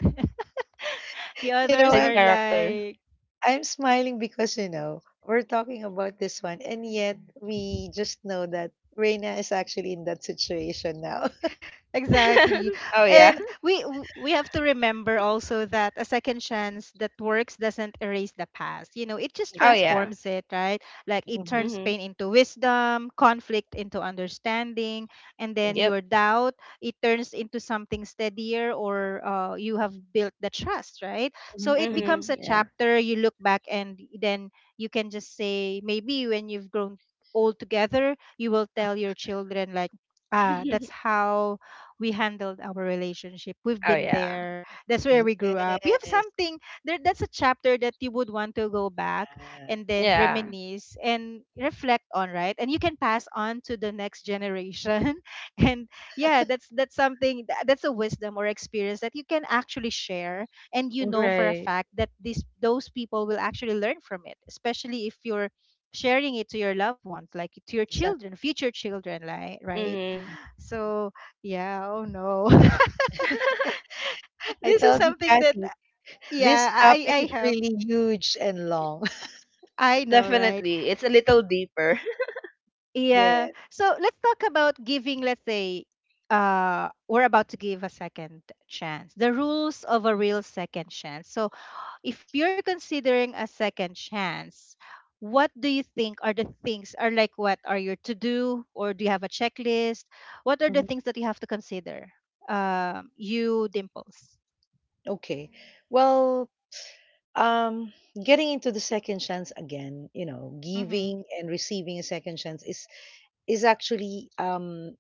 Speaker 1: The
Speaker 2: You know,
Speaker 1: others
Speaker 3: Side
Speaker 2: I'm
Speaker 1: are
Speaker 3: character.
Speaker 1: like,
Speaker 2: I'm smiling because we're talking about this one, and yet we just know that Reina is actually in that situation now.
Speaker 1: exactly.
Speaker 3: Oh yeah.
Speaker 1: And we have to remember also that a second chance that works doesn't erase the past. You know, it just
Speaker 3: Oh
Speaker 2: Exactly.
Speaker 3: yeah.
Speaker 1: transforms it, right? Like, it
Speaker 2: Hmm.
Speaker 1: turns
Speaker 3: Mm-hmm.
Speaker 1: pain into wisdom, conflict into understanding, and then
Speaker 3: Yep.
Speaker 2: Exactly.
Speaker 1: your doubt, it turns into something steadier, or you have built the trust, right?
Speaker 2: Hmm
Speaker 1: So it
Speaker 2: hmm.
Speaker 1: becomes
Speaker 3: Mm-hmm.
Speaker 1: a
Speaker 3: Yeah.
Speaker 1: chapter you look back and then you can just say maybe, when you've grown old together, you will tell your children like, ah, that's how we handled our relationship. We've
Speaker 3: Oh
Speaker 1: been
Speaker 3: yeah.
Speaker 1: there. That's where we grew up. You have
Speaker 2: Yes.
Speaker 1: something there, that's a chapter that you would want to go back and then
Speaker 3: Yeah.
Speaker 1: reminisce and reflect on, right? And you can pass on to the next generation. And yeah, that's something that's a wisdom or experience that you can actually share, and you know
Speaker 2: Hmm.
Speaker 1: for a
Speaker 3: Right.
Speaker 1: fact that these those people will actually learn from it, especially if you're sharing it to your loved ones, like to your children,
Speaker 2: Exactly.
Speaker 1: future children, like, right?
Speaker 3: Mm-hmm.
Speaker 1: So yeah, oh no.
Speaker 2: I
Speaker 1: This is
Speaker 2: told you,
Speaker 1: something that
Speaker 2: Kathy,
Speaker 1: yeah,
Speaker 2: this topic is
Speaker 1: I have,
Speaker 2: really huge and long.
Speaker 1: I know, right?
Speaker 3: Definitely. It's a little deeper.
Speaker 1: Yeah.
Speaker 2: Yes.
Speaker 1: So let's talk about giving, let's say uh, we're about to give a second chance. The rules of a real second chance. So if you're considering a second chance, what do you think are the things, are like, what are your to do, or do you have a checklist? What are the things that you have to consider? Um, you, Dimples.
Speaker 2: Okay. Well, um, getting into the second chance again,
Speaker 1: Mhm.
Speaker 2: giving and receiving a second chance is actually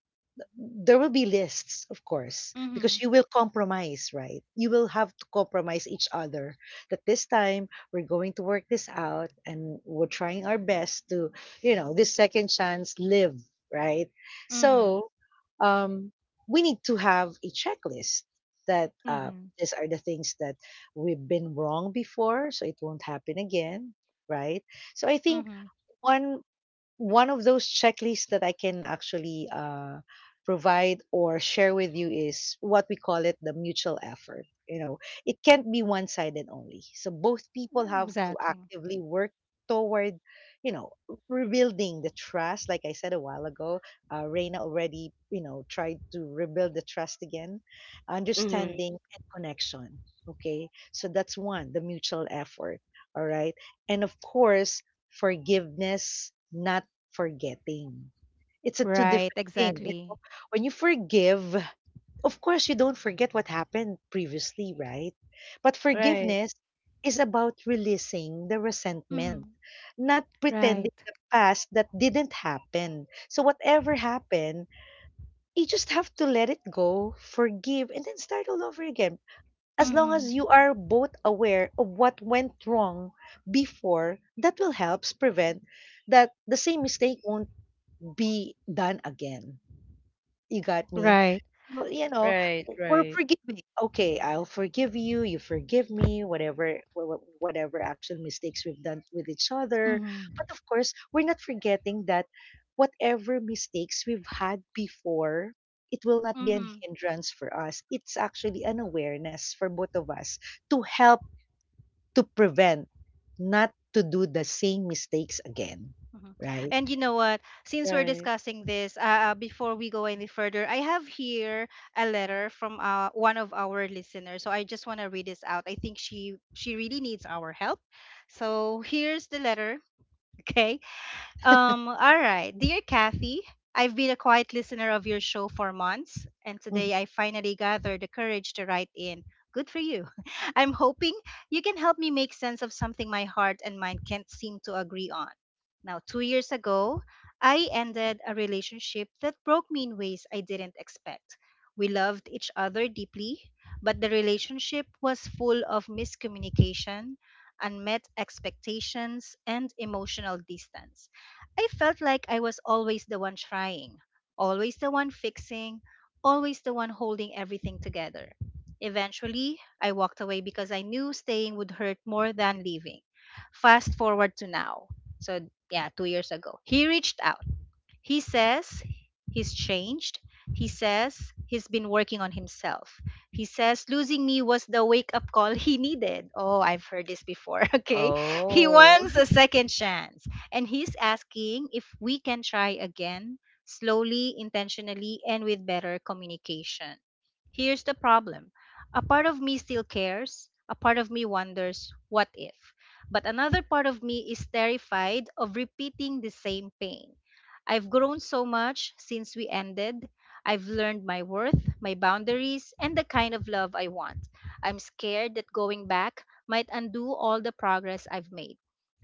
Speaker 2: there will be lists, of course, because
Speaker 1: Mhm.
Speaker 2: you will compromise, right? You will have to compromise each other that this time we're going to work this out and we're trying our best to, this second chance live, right?
Speaker 1: Mhm.
Speaker 2: So um, we need to have a checklist that
Speaker 1: Mm-hmm.
Speaker 2: these are the things that we've been wrong before, so it won't happen again, right? So I think
Speaker 1: Mm-hmm.
Speaker 2: one one of those checklists that I can actually provide or share with you is what we call it the mutual effort. You know, it can't be one sided only. So both people have to
Speaker 1: Exactly.
Speaker 2: actively work toward, you know, rebuilding the trust. Like I said a while ago, Reina already, you know, tried to rebuild the trust again,
Speaker 3: Mm-hmm.
Speaker 2: understanding and connection. Okay. So that's one, the mutual effort. All right. And of course, forgiveness, not forgetting. It's a two
Speaker 1: Right.
Speaker 2: different thing. You know?
Speaker 1: Exactly.
Speaker 2: When you forgive, of course, you don't forget what happened previously, right? But
Speaker 3: Right.
Speaker 2: forgiveness is about releasing the resentment,
Speaker 1: Mm-hmm.
Speaker 2: not pretending
Speaker 1: Right.
Speaker 2: the past that didn't happen. So, whatever happened, you just have to let it go, forgive, and then start all over again. As long
Speaker 1: Mm-hmm.
Speaker 2: as you are both aware of what went wrong before, that will help prevent that the same mistake won't be done again. You got me?
Speaker 1: Right.
Speaker 2: So, you know,
Speaker 3: Right.
Speaker 2: we're
Speaker 3: Right.
Speaker 2: forgiving. Okay, I'll forgive you. You forgive me. Whatever, whatever action mistakes we've done with each other.
Speaker 1: Mm-hmm.
Speaker 2: But of course, we're not forgetting that whatever mistakes we've had before, it will not be an
Speaker 1: Mm-hmm.
Speaker 2: hindrance for us. It's actually an awareness for both of us to help to prevent, not to do the same mistakes again.
Speaker 1: Mm-hmm.
Speaker 2: Right?
Speaker 1: And you know what? Since we're
Speaker 3: Right.
Speaker 1: discussing this, before we go any further, I have here a letter from one of our listeners. So I just want to read this out. I think she really needs our help. So here's the letter. Okay. All right. Dear Kathy, I've been a quiet listener of your show for months, and
Speaker 2: Mhm.
Speaker 1: today I finally gathered the courage to write in. Good for you. I'm hoping you can help me make sense of something my heart and mind can't seem to agree on. Now, 2 years ago, I ended a relationship that broke me in ways I didn't expect. We loved each other deeply, but the relationship was full of miscommunication, unmet expectations, and emotional distance. I felt like I was always the one trying, always the one fixing, always the one holding everything together. Eventually, I walked away because I knew staying would hurt more than leaving. Fast forward to now. So, yeah, 2 years ago, he reached out, he says he's changed. He says he's been working on himself. He says losing me was the wake up call he needed. Oh, I've heard this before. Okay. He
Speaker 3: Oh.
Speaker 1: wants a second chance. And he's asking if we can try again, slowly, intentionally, and with better communication. Here's the problem, a part of me still cares, a part of me wonders, what if? But another part of me is terrified of repeating the same pain. I've grown so much since we ended. I've learned my worth, my boundaries, and the kind of love I want. I'm scared that going back might undo all the progress I've made.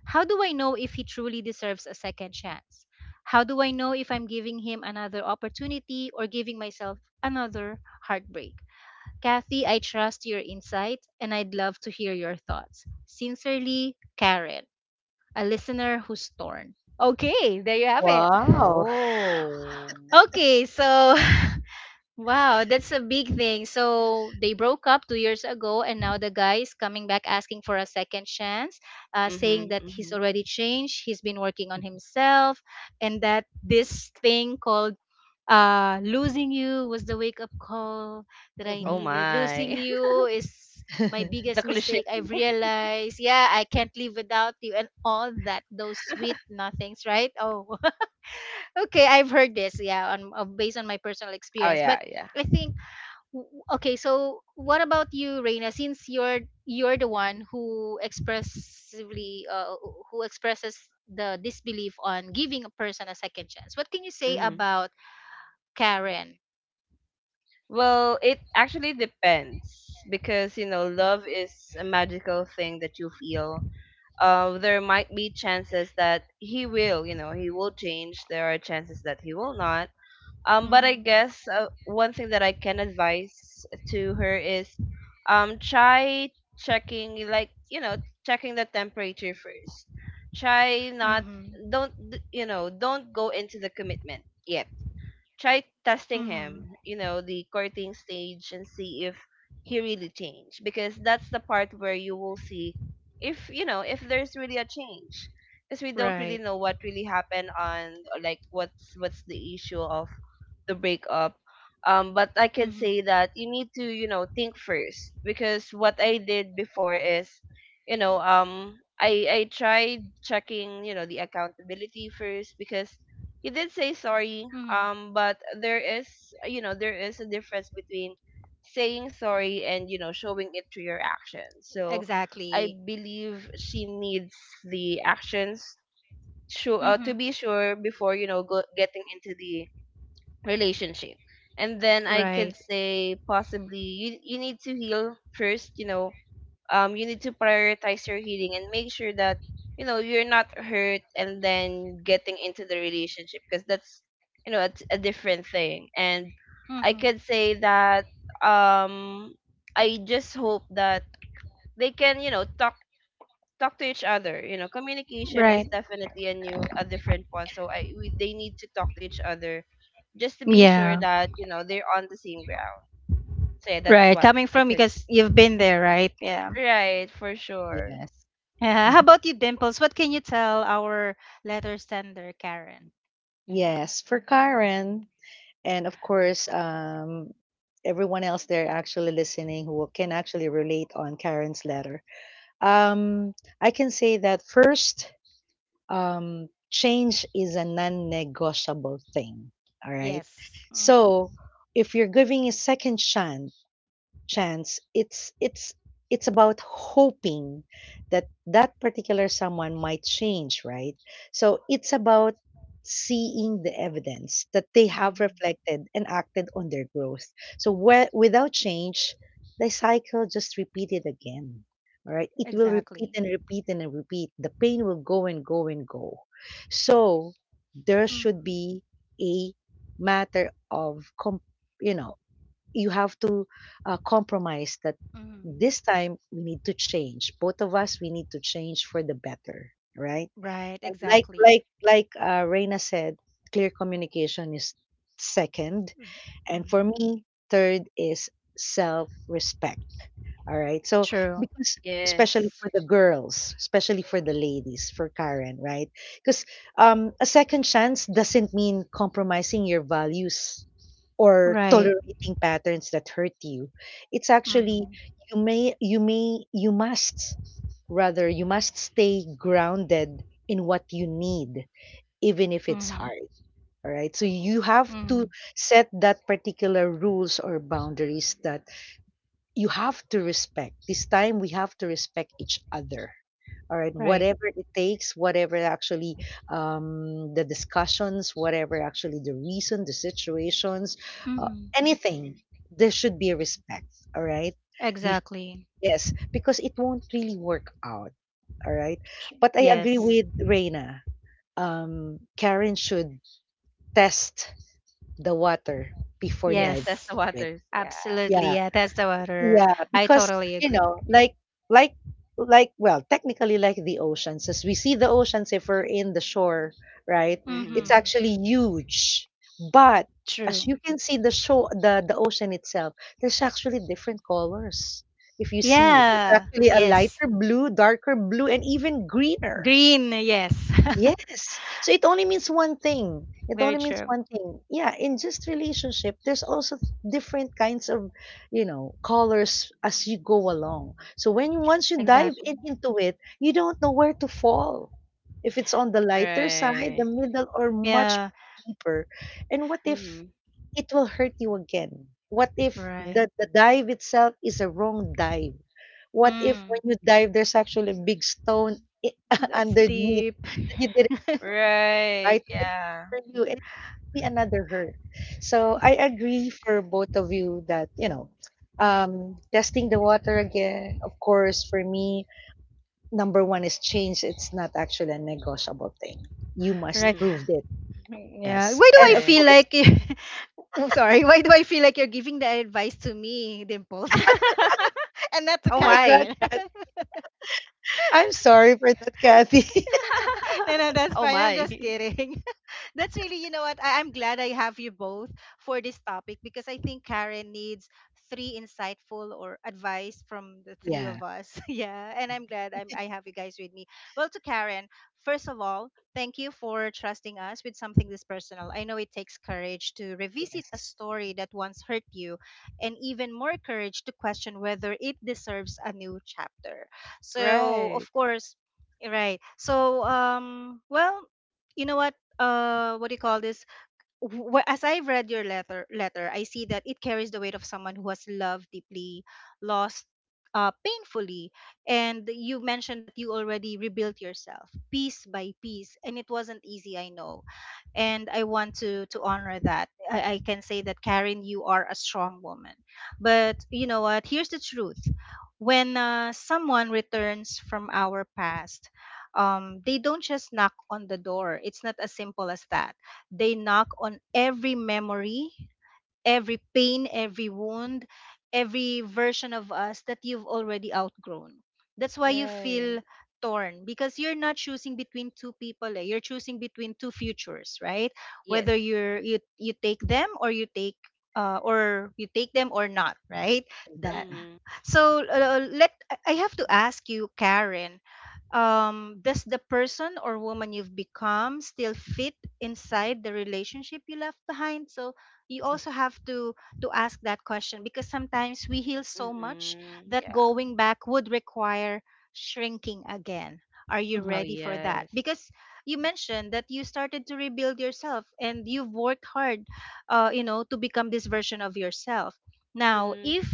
Speaker 1: How do I know if he truly deserves a second chance? How do I know if I'm giving him another opportunity, or giving myself another heartbreak? Kathy, I trust your insight and I'd love to hear your thoughts. Sincerely, Karen, a listener who's torn. Okay, there you have it.
Speaker 2: Wow.
Speaker 3: Oh.
Speaker 1: Okay, so wow, that's a big thing. So they broke up 2 years ago, and now the guy is coming back asking for a second chance, saying
Speaker 3: Mhm,
Speaker 1: that he's
Speaker 3: mhm.
Speaker 1: already changed, he's been working on himself, and that this thing called, losing you was the wake up call that I
Speaker 3: Oh
Speaker 1: needed. Losing
Speaker 3: my.
Speaker 1: you is my
Speaker 3: The
Speaker 1: biggest
Speaker 3: cliche.
Speaker 1: mistake. I've realized, yeah, I can't live without you, and all that, those sweet nothings, right? Oh. Okay, I've heard this, yeah, on, based on my personal
Speaker 3: Oh
Speaker 1: experience. But
Speaker 3: yeah, yeah.
Speaker 1: I think, w- okay, so what about you, Reina? Since you're the one who expressively who expresses the disbelief on giving a person a second chance. What can you say
Speaker 3: hmm
Speaker 1: about Karen?
Speaker 3: Well, it actually depends because you know love is a magical thing that you feel. There might be chances that he will, you know, he will change. There are chances that he will not. But I
Speaker 1: Mhm.
Speaker 3: guess one thing that I can advise to her is try checking, like, you know, checking the temperature first. Try not,
Speaker 1: Mhm.
Speaker 3: don't, d- You know, don't go into the commitment yet. Try testing
Speaker 1: Mhm.
Speaker 3: him, you know, the courting stage and see if he really changed because that's the part where you will see if, you know, if there's really a change because we don't really
Speaker 1: Right.
Speaker 3: know what really happened on like what's the issue of the breakup. But I could
Speaker 1: Mhm.
Speaker 3: say that you need to, you know, think first because what I did before is, you know, I tried checking, you know, the accountability first because you did say sorry.
Speaker 1: Mhm.
Speaker 3: But there is, you know, there is a difference between saying sorry and you know showing it through your actions. So I
Speaker 1: Exactly.
Speaker 3: believe she needs the actions sure to
Speaker 1: Mhm.
Speaker 3: be sure before you know getting into the relationship. And then I
Speaker 1: Right.
Speaker 3: could say possibly you need to heal first, you know. Um, you need to prioritize your healing and make sure that you know you're not hurt and then getting into the relationship because that's you know it's a different thing. And I
Speaker 1: Mhm.
Speaker 3: could say that um I just hope that they can, you know, talk to each other you know communication is
Speaker 1: Right.
Speaker 3: definitely a new a different one so they need to talk to each other just to be sure
Speaker 1: Yeah.
Speaker 3: that you know they're on the same ground so yeah, that's
Speaker 1: Right.
Speaker 3: what
Speaker 1: Coming
Speaker 3: I
Speaker 1: from,
Speaker 3: could.
Speaker 1: because you've been there, right? Yeah.
Speaker 3: Right, for sure.
Speaker 2: Yes.
Speaker 1: Yeah. How
Speaker 2: Mhm.
Speaker 1: about you, Dimples? What can you tell our letter sender, Karen?
Speaker 2: Yes, for Karen. And of course, everyone else there actually listening who can actually relate on Karen's letter. Um, I can say that first, change is a non negotiable thing. All right.
Speaker 1: Yes. Mm-hmm.
Speaker 2: So if you're giving a second chance, it's it's about hoping that that particular someone might change, right? So it's about seeing the evidence that they have
Speaker 1: Mm-hmm.
Speaker 2: reflected and acted on their growth. So where, without change, the cycle just repeated again. All right, it will repeat
Speaker 1: Exactly.
Speaker 2: and repeat and repeat, the pain will go and go and go. So there should
Speaker 1: Mm-hmm.
Speaker 2: be a matter of you know you have to compromise that
Speaker 1: Mm-hmm.
Speaker 2: this time we need to change. Both of us, we need to change for the better, right?
Speaker 1: Right.
Speaker 2: And like
Speaker 1: Exactly.
Speaker 2: like like uh, Reina said, clear communication is second, and for
Speaker 1: Mm-hmm.
Speaker 2: me, third is self respect. All right, so
Speaker 1: True.
Speaker 2: because especially
Speaker 3: Yes.
Speaker 2: for the girls, especially for the ladies, for Karen, right? Because a second chance doesn't mean compromising your values or
Speaker 1: Right.
Speaker 2: tolerating patterns that hurt you. It's actually
Speaker 1: Mm-hmm.
Speaker 2: you must, rather you must, stay grounded in what you need even if it's
Speaker 1: Mm-hmm.
Speaker 2: hard. All right. So you have
Speaker 1: Mm-hmm.
Speaker 2: to set that particular rules or boundaries, that you have to respect, this time we have to respect each other, all right,
Speaker 1: Right.
Speaker 2: whatever it takes, whatever actually the discussions, whatever actually the reason, the situations,
Speaker 1: Mm-hmm.
Speaker 2: anything, there should be a respect. All right. Bef-
Speaker 1: Exactly.
Speaker 2: yes, because it won't really work out. All right. But I agree
Speaker 1: Yes.
Speaker 2: with Reina, Karen should test the water before
Speaker 3: Yes,
Speaker 2: diving
Speaker 3: test
Speaker 1: Yes.
Speaker 3: the
Speaker 2: into it.
Speaker 3: waters, yeah.
Speaker 1: Absolutely.
Speaker 2: Yeah.
Speaker 1: Yeah. That's the water.
Speaker 2: Yeah,
Speaker 1: I
Speaker 2: because
Speaker 1: totally
Speaker 2: you
Speaker 1: agree.
Speaker 2: know, like like well, technically like the oceans, as we see the oceans if we're in the shore, right? It's
Speaker 3: Mm-hmm.
Speaker 1: Mm-hmm.
Speaker 2: actually huge. But
Speaker 1: True.
Speaker 2: as you can see the ocean itself, there's actually different colors. If you see, there's
Speaker 1: Yeah.
Speaker 2: actually a
Speaker 1: Yes.
Speaker 2: lighter blue, darker blue, and even greener.
Speaker 1: Green. Yes.
Speaker 2: Yes. So it only means one thing. It
Speaker 1: Very
Speaker 2: only means
Speaker 1: true.
Speaker 2: one thing. Yeah, in just relationship, there's also different kinds of, you know, colors as you go along. So when you once you dive
Speaker 1: Exactly.
Speaker 2: in into it, you don't know where to fall. If it's on the lighter side, the
Speaker 3: Right.
Speaker 2: middle, or much
Speaker 1: Yeah,
Speaker 2: deeper. And what if
Speaker 3: Mm-hmm.
Speaker 2: it will hurt you again? What if
Speaker 1: right.
Speaker 2: the dive itself is a wrong dive? What if
Speaker 1: Mm,
Speaker 2: when you dive there's actually a big stone i-
Speaker 1: that's
Speaker 2: underneath
Speaker 1: deep.
Speaker 2: that you
Speaker 3: Right.
Speaker 2: right way
Speaker 3: Yeah.
Speaker 2: for you and it'll be another hurt. So I agree for both of you that, you know, testing the water again, of course, for me, number one is change. It's not actually a negotiable thing. You must
Speaker 1: Right.
Speaker 3: Mm-hmm.
Speaker 2: prove it.
Speaker 1: Yeah.
Speaker 2: Yes.
Speaker 1: Why do I
Speaker 2: And of
Speaker 3: Right.
Speaker 1: feel
Speaker 2: course,
Speaker 1: like you- oh sorry, why do I feel like you're giving the advice to me, Dimples, and not
Speaker 2: oh
Speaker 1: to
Speaker 3: Oh
Speaker 2: my God,
Speaker 3: my.
Speaker 1: Karen?
Speaker 2: I'm sorry for that, Kathy.
Speaker 1: No, no, that's
Speaker 3: Oh
Speaker 1: fine. I'm
Speaker 3: my.
Speaker 1: just kidding. That's really, you know what? I'm glad I have you both for this topic because I think Karen needs three insightful or advice from the three
Speaker 2: Yeah.
Speaker 1: of us. Yeah. And I have you guys with me. Well, to Karen, first of all, thank you for trusting us with something this personal. I know it takes courage to revisit a
Speaker 2: Yes.
Speaker 1: story that once hurt you and even more courage to question whether it deserves a new chapter. So, of
Speaker 3: Right.
Speaker 1: course, right. So, well, you know what? What do you call this Wh- as I've read your letter, I see that it carries the weight of someone who has loved deeply, lost, painfully. And you mentioned that you already rebuilt yourself piece by piece, and it wasn't easy, I know, and I want to honor that. I can say that, Karen, you are a strong woman. But you know what? Here's the truth: when someone returns from our past, they don't just knock on the door. It's not as simple as that. They knock on every memory, every pain, every wound, every version of us that you've already outgrown. That's why you feel
Speaker 3: Right.
Speaker 1: torn, because you're not choosing between two people. Eh. You're choosing between two futures, right?
Speaker 3: Yes.
Speaker 1: Whether you take them or you take them or not, right? That
Speaker 2: Exactly.
Speaker 3: Mm-hmm.
Speaker 1: so let I have to ask you, Karen, does the person or woman you've become still fit inside the relationship you left behind? So you also have to ask that question, because sometimes we heal so much
Speaker 3: Mm-hmm.
Speaker 1: that
Speaker 3: Yeah.
Speaker 1: going back would require shrinking again. Are you
Speaker 2: Mm-hmm,
Speaker 3: Oh
Speaker 1: ready for that?
Speaker 3: yes.
Speaker 1: Because you mentioned that you started to rebuild yourself and you've worked hard, you know, to become this version of yourself. Now,
Speaker 3: Mm-hmm.
Speaker 1: if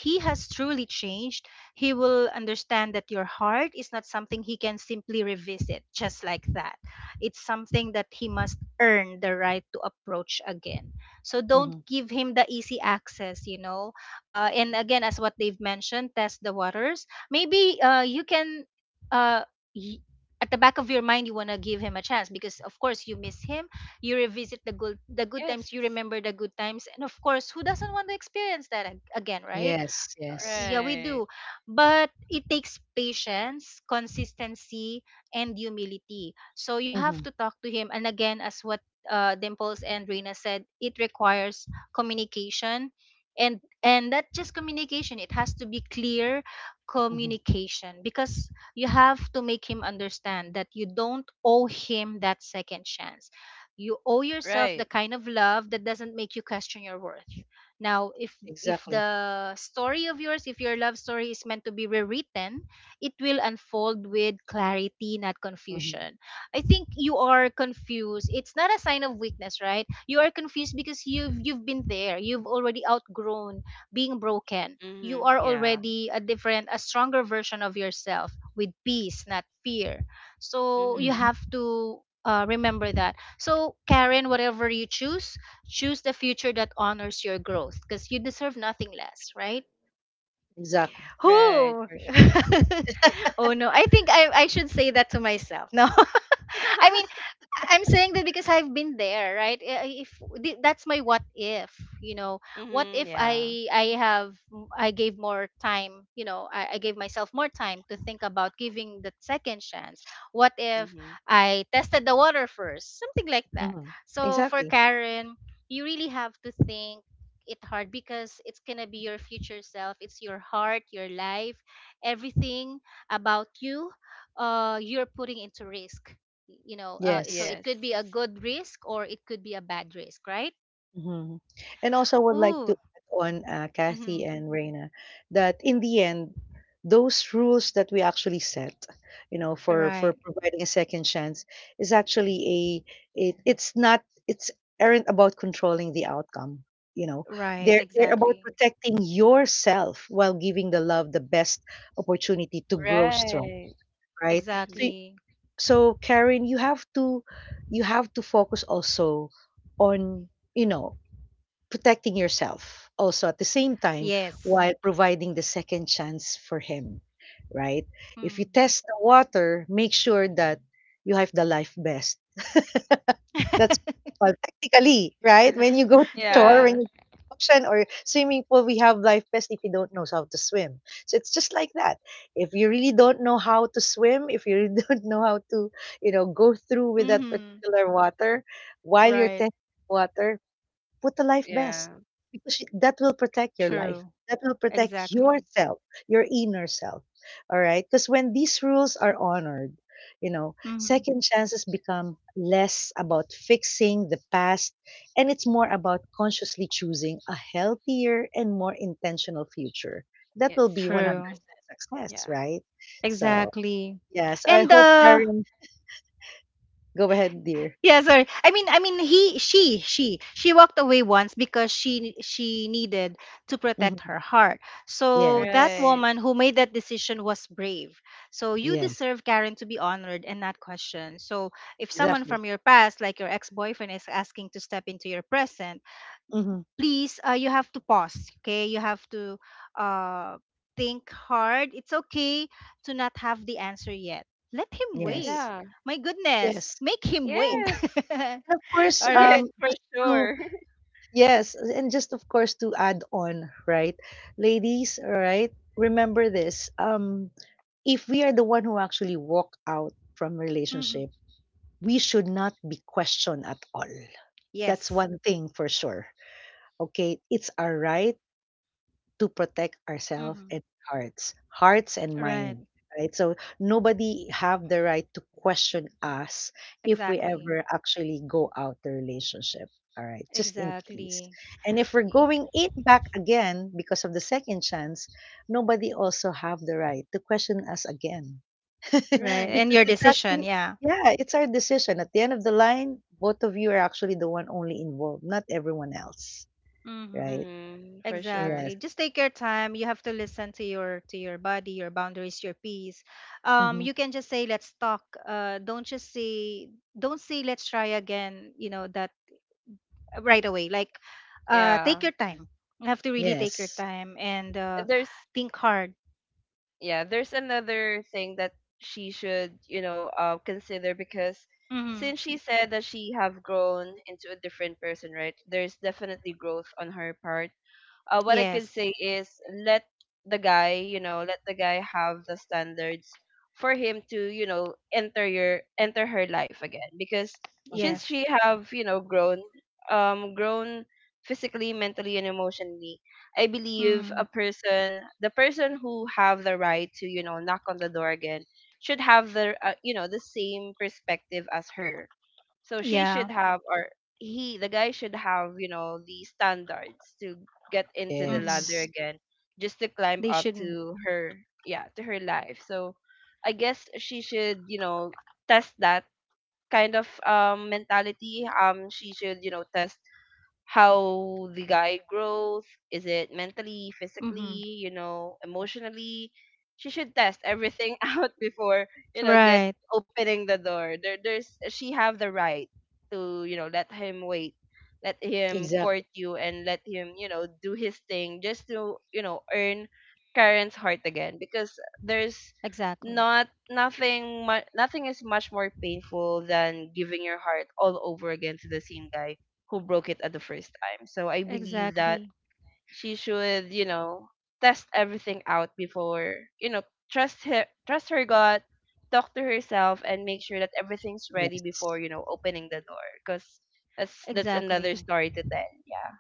Speaker 1: he has truly changed, he will understand that your heart is not something he can simply revisit just like that. It's something that he must earn the right to approach again. So don't
Speaker 2: mm-hmm.
Speaker 1: give him the easy access, you know. And again, as what they've mentioned, test the waters. Maybe you can. Uh, y- at the back of your mind, you want to give him a chance because of course you miss him. You revisit the good times,
Speaker 3: Yes.
Speaker 1: you remember the good times, and of course who doesn't want to experience that again, right?
Speaker 2: Yes. Yes.
Speaker 1: Yeah, we
Speaker 3: Right.
Speaker 1: do. But it takes patience, consistency, and humility. So you have
Speaker 2: Mm-hmm,
Speaker 1: to talk to him. And again, as what Dimples and Reina said, it requires communication. And not just communication, it has to be clear
Speaker 2: mm-hmm.
Speaker 1: communication, because you have to make him understand that you don't owe him that second chance. You owe yourself the
Speaker 3: Right.
Speaker 1: kind of love that doesn't make you question your worth. Now, if
Speaker 2: Exactly.
Speaker 1: the story of yours, if your love story is meant to be rewritten, it will unfold with clarity, not
Speaker 2: Mm-hmm,
Speaker 1: confusion. I think you are confused. It's not a sign of weakness, right? You are confused because you've been there. You've already outgrown being broken. You
Speaker 3: Mm-hmm.
Speaker 1: are
Speaker 3: Yeah.
Speaker 1: already a different, a stronger version of yourself, with peace, not fear. So you
Speaker 3: Mm-hmm.
Speaker 2: mm-hmm.
Speaker 1: have to remember that. So Karen, whatever you choose, choose the future that honors your growth because you deserve nothing less, right?
Speaker 2: Exactly.
Speaker 3: Right,
Speaker 1: Who?
Speaker 3: for sure.
Speaker 1: Oh no. I think I should say that to myself. No. I mean, I'm saying that because I've been there, right? If that's my what if, you know, what
Speaker 3: Mm-hmm.
Speaker 1: if
Speaker 3: Yeah.
Speaker 1: I I have I gave more time, you know, I gave myself more time to think about giving the second chance. What if
Speaker 3: Mm-hmm.
Speaker 1: I tested the water first, something like that.
Speaker 2: Mm-hmm.
Speaker 1: So for
Speaker 2: Exactly.
Speaker 1: Karen, you really have to think it hard, because it's gonna be your future self. It's your heart, your life, everything about you. You're putting into risk. You know, so
Speaker 2: Yes.
Speaker 1: it could be a
Speaker 3: Yes.
Speaker 1: good risk or it could be a bad risk, right?
Speaker 2: Mhm. And also would like to
Speaker 1: Ooh,
Speaker 2: add on,
Speaker 1: mm-hmm.
Speaker 2: Kathy and Reyna, that in the end, those rules that we actually set, you know, for
Speaker 1: Right.
Speaker 2: providing a second chance is actually a it, it's not it's aren't about controlling the outcome. You know,
Speaker 1: Right.
Speaker 2: they're about
Speaker 1: Exactly.
Speaker 2: protecting yourself while giving the love the best opportunity to grow strong,
Speaker 3: Right.
Speaker 2: right?
Speaker 3: Mm-hmm.
Speaker 2: So
Speaker 1: Exactly.
Speaker 2: so Karen, you have to focus also on, you know, protecting yourself also at the same time
Speaker 1: Yes.
Speaker 2: while providing the second chance for him, right? If you
Speaker 1: Mm.
Speaker 2: test the water, make sure that you have the life vest. That's well, technically, right? When you go to shore,
Speaker 1: Right.
Speaker 2: when
Speaker 3: Yeah.
Speaker 2: you ocean or swimming pool, we have life vests if you don't know how to swim. So it's just like that. If you really don't know how to swim, if you really don't know how to, you know, go through with that
Speaker 1: Mm-hmm.
Speaker 2: particular water while you're
Speaker 1: Right.
Speaker 2: testing water, put the life vest
Speaker 3: Yeah.
Speaker 2: because that will protect your life.
Speaker 1: True.
Speaker 2: That will protect
Speaker 1: Exactly.
Speaker 2: yourself, your inner self. All right. Because when these rules are honored, you know,
Speaker 1: Mm-hmm.
Speaker 2: second chances become less about fixing the past and it's more about consciously choosing a healthier and more intentional future. That
Speaker 3: Yes,
Speaker 2: will be
Speaker 1: True.
Speaker 2: 100%
Speaker 3: 100%.
Speaker 2: success,
Speaker 3: Yeah.
Speaker 2: right? So,
Speaker 1: Exactly.
Speaker 2: yes, I
Speaker 1: And
Speaker 2: hope, Karen, go ahead, dear.
Speaker 1: Yeah, sorry. I mean, she walked away once because she needed to protect
Speaker 2: Mhm.
Speaker 1: her heart. So that
Speaker 2: Yes,
Speaker 3: Right.
Speaker 1: woman who made that decision was brave. So you
Speaker 2: yes,
Speaker 1: deserve, Karen, to be honored and not questioned. So if someone
Speaker 2: exactly.
Speaker 1: from your past, like your ex-boyfriend, is asking to step into your present,
Speaker 2: Hmm.
Speaker 1: please, you have to pause. Okay, you have to uh, think hard. It's okay to not have the answer yet. Let him wait.
Speaker 2: Yes.
Speaker 3: Yeah.
Speaker 1: My goodness,
Speaker 2: Yes.
Speaker 1: make him wait.
Speaker 2: And
Speaker 3: Yes.
Speaker 1: All
Speaker 2: of course,
Speaker 3: Yes,
Speaker 1: right.
Speaker 3: for
Speaker 2: just to
Speaker 3: sure.
Speaker 2: yes, and just of course to add on, right? Ladies, all right, remember this. If we are the one who actually walk out from relationship,
Speaker 1: Mm-hmm.
Speaker 2: we should not be questioned at all. That's
Speaker 1: Yes.
Speaker 2: one thing for sure. Okay, it's our right to protect ourselves and
Speaker 1: Hmm.
Speaker 2: hearts, hearts and
Speaker 1: Right.
Speaker 2: mind, right? So nobody have the right to question us if we
Speaker 1: Exactly.
Speaker 2: ever actually go out the relationship. All right, just in case.
Speaker 1: Exactly.
Speaker 2: And if we're
Speaker 3: Y-
Speaker 2: going in back again because of the second chance, nobody also have the right to question us again.
Speaker 1: Right,
Speaker 3: Right.
Speaker 1: and
Speaker 2: Because
Speaker 1: your
Speaker 2: it's
Speaker 1: decision.
Speaker 2: actually
Speaker 1: Yeah.
Speaker 2: yeah, it's our decision. At the end of the line, both of you are actually the one only involved, not everyone else,
Speaker 1: Hmm.
Speaker 2: right?
Speaker 3: Mm, for sure.
Speaker 2: Yes.
Speaker 1: Exactly. Just take your time. You have to listen to your body, your boundaries, your peace.
Speaker 2: Mm-hmm.
Speaker 1: You can just say let's talk. Uh, don't just say don't say let's try again. You know that, right away. Like, take
Speaker 3: Yeah.
Speaker 1: your time. You have to really take your
Speaker 2: Yes.
Speaker 1: time and
Speaker 3: There's
Speaker 1: think hard.
Speaker 3: Yeah, there's another thing that she should you know consider because
Speaker 1: Mm-hmm.
Speaker 3: since she said that she have grown into a different person right there's definitely growth on her part. What I could
Speaker 1: Yes.
Speaker 3: say is let the guy, you know, let the guy have the standards for him to, you know, enter her life again because
Speaker 2: Uh-huh.
Speaker 3: since
Speaker 1: Yes.
Speaker 3: she have, you know, grown physically, mentally and emotionally, I believe
Speaker 1: Mm-hmm.
Speaker 3: a person, the person who have the right to, you know, knock on the door again should have the you know, the same perspective as her so she
Speaker 1: Yeah.
Speaker 3: should have, or he, the guy should have, you know, the standards to get into the
Speaker 1: Mm-hmm.
Speaker 3: ladder
Speaker 2: Yes.
Speaker 3: again, just to climb
Speaker 1: They
Speaker 3: up
Speaker 1: shouldn't.
Speaker 3: to her, yeah, to her life. So I guess she should, you know, test that kind of mentality. She should, you know, test how the guy grows, is it mentally,
Speaker 1: Mm-hmm.
Speaker 3: physically, you know, emotionally, she should test everything out before you know get
Speaker 1: Right.
Speaker 3: opening the door. There there's She have the right to you know let him wait, let him
Speaker 2: Exactly.
Speaker 3: court you and let him you know do his thing just to you know earn Karen's heart again because there's
Speaker 1: Exactly.
Speaker 3: not nothing mu- nothing is much more painful than giving your heart all over again to the same guy who broke it at the first time. So I believe that
Speaker 1: Exactly.
Speaker 3: she should, you know, test everything out before, you know, trust her gut, talk to herself, and make sure that everything's ready
Speaker 2: Yes.
Speaker 3: before, you know, opening the door. Cause that's another
Speaker 1: Exactly.
Speaker 3: story to tell. Yeah,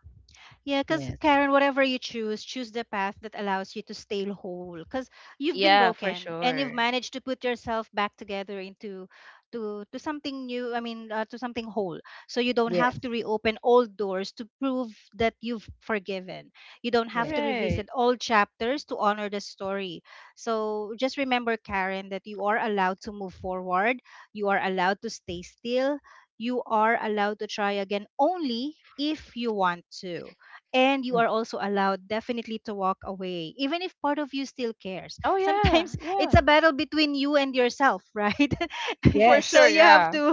Speaker 1: Yeah, because
Speaker 2: Yes.
Speaker 1: Karen, whatever you choose, choose the path that allows you to stay whole. Because you've been
Speaker 3: yeah, for
Speaker 1: broken and you've
Speaker 3: sure.
Speaker 1: managed to put yourself back together into to something new. I mean, to something whole. So you don't have to
Speaker 2: Yes.
Speaker 1: reopen old doors to prove that you've forgiven. You don't have to
Speaker 2: Yes.
Speaker 3: Right.
Speaker 1: revisit old chapters to honor the story. So just remember, Karen, that you are allowed to move forward. You are allowed to stay still. You are allowed to try again only if you want to, and you
Speaker 2: Mm.
Speaker 1: are also allowed definitely to walk away even if part of you still cares.
Speaker 3: Oh yeah,
Speaker 1: Sometimes
Speaker 3: yeah,
Speaker 1: it's a battle between you and yourself, right?
Speaker 3: for
Speaker 1: So
Speaker 3: sure.
Speaker 2: Yes.
Speaker 1: you have
Speaker 3: Yeah,
Speaker 1: to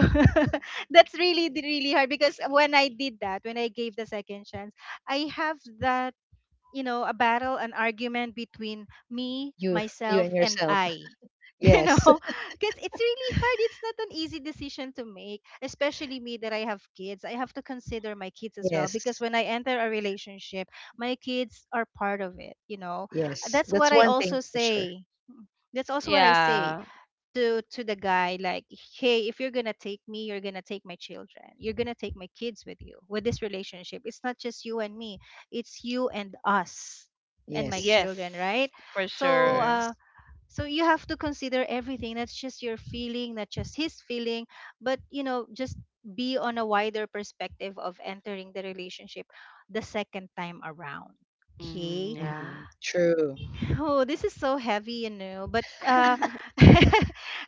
Speaker 1: that's really really hard, because when I did that, when I gave the second chance, I have that, you know, a battle, an argument between me,
Speaker 2: You and
Speaker 1: myself, and
Speaker 2: yourself.
Speaker 1: I. You know,
Speaker 2: Yes.
Speaker 1: because it's really hard. It's not an easy decision to make, especially me, that I have kids. I have to consider my kids as well, because
Speaker 2: Yes.
Speaker 1: when I enter a relationship, my kids are part of it, you know.
Speaker 2: Yes.
Speaker 1: that's what
Speaker 2: That's
Speaker 1: i
Speaker 2: one thing
Speaker 1: also
Speaker 2: for sure.
Speaker 1: say that's also what I say
Speaker 3: yeah,
Speaker 1: to the guy, like, hey, if you're gonna take me, you're gonna take my children, you're gonna take my kids with you with this relationship. It's not just you and me, it's you and us and my
Speaker 2: Yes.
Speaker 3: yes,
Speaker 1: children, right?
Speaker 3: for
Speaker 1: So
Speaker 3: sure.
Speaker 1: uh,
Speaker 2: Yes.
Speaker 1: so you have to consider everything. That's just your feeling, not just his feeling, but you know, just be on a wider perspective of entering the relationship the second time around,
Speaker 3: Mm,
Speaker 1: okay?
Speaker 3: yeah,
Speaker 2: Hmm. True.
Speaker 1: Oh, this is so heavy, you know, but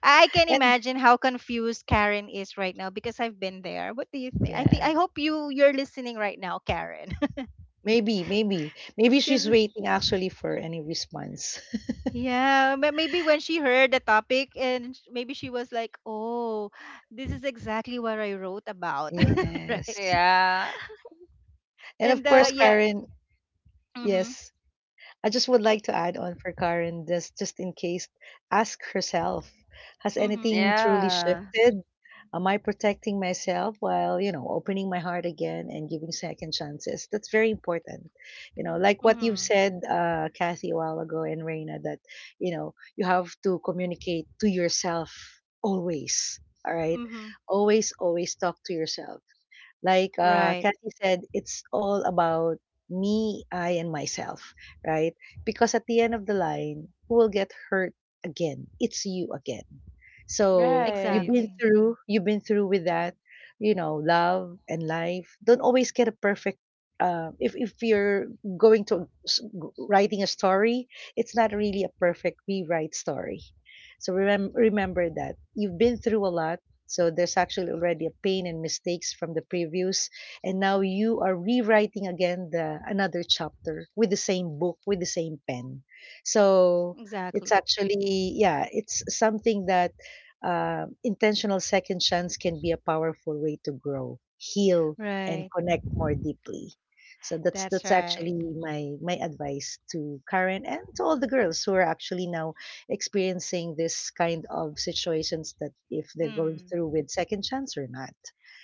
Speaker 1: I can
Speaker 2: And
Speaker 1: imagine how confused Karen is right now, because I've been there. What do you think? I think,
Speaker 2: yeah.
Speaker 1: I hope you're listening right now, Karen.
Speaker 2: Maybe, maybe. Maybe she's
Speaker 1: Because
Speaker 2: waiting actually for any response.
Speaker 1: yeah, but maybe when she heard the topic and maybe she was like, "Oh, this is exactly what I wrote about."
Speaker 2: Yes.
Speaker 1: Right?
Speaker 3: yeah.
Speaker 2: And of
Speaker 1: And
Speaker 3: Well,
Speaker 2: course,
Speaker 3: for
Speaker 1: Yeah.
Speaker 2: Karen,
Speaker 1: Mhm.
Speaker 2: yes. I just would like to add on for Karen just in case ask herself, has
Speaker 1: Mhm.
Speaker 2: anything truly
Speaker 3: Yeah,
Speaker 2: shifted? Am I protecting myself while, you know, opening my heart again and giving second chances? That's very important. You know, like what you've
Speaker 1: Mhm.
Speaker 2: said, Kathy, a while ago and Reina, that, you know, you have to communicate to yourself always. All right.
Speaker 1: Mhm.
Speaker 2: Always, always talk to yourself like
Speaker 1: Right.
Speaker 2: Kathy said, it's all about me, I, and myself, right? Because at the end of the line, who will get hurt again? It's you again. So
Speaker 3: right.
Speaker 1: Exactly.
Speaker 2: you've been through with that, you know, love and life. Don't always get a perfect. If you're going to writing a story, it's not really a perfect rewrite story. So remember that you've been through a lot, so there's actually already a pain and mistakes from the previews, and now you are rewriting again the another chapter with the same book with the same pen. So it's
Speaker 1: Exactly.
Speaker 2: actually yeah, it's something that intentional second chance can be a powerful way to grow, heal, and
Speaker 1: Right.
Speaker 2: connect more deeply. So
Speaker 1: That's
Speaker 2: that's
Speaker 1: right.
Speaker 2: actually my advice to Karen and to all
Speaker 1: Mm.
Speaker 2: the girls who are actually now experiencing this kind of situations that if they're going
Speaker 1: Mhm.
Speaker 2: through with second chance or not,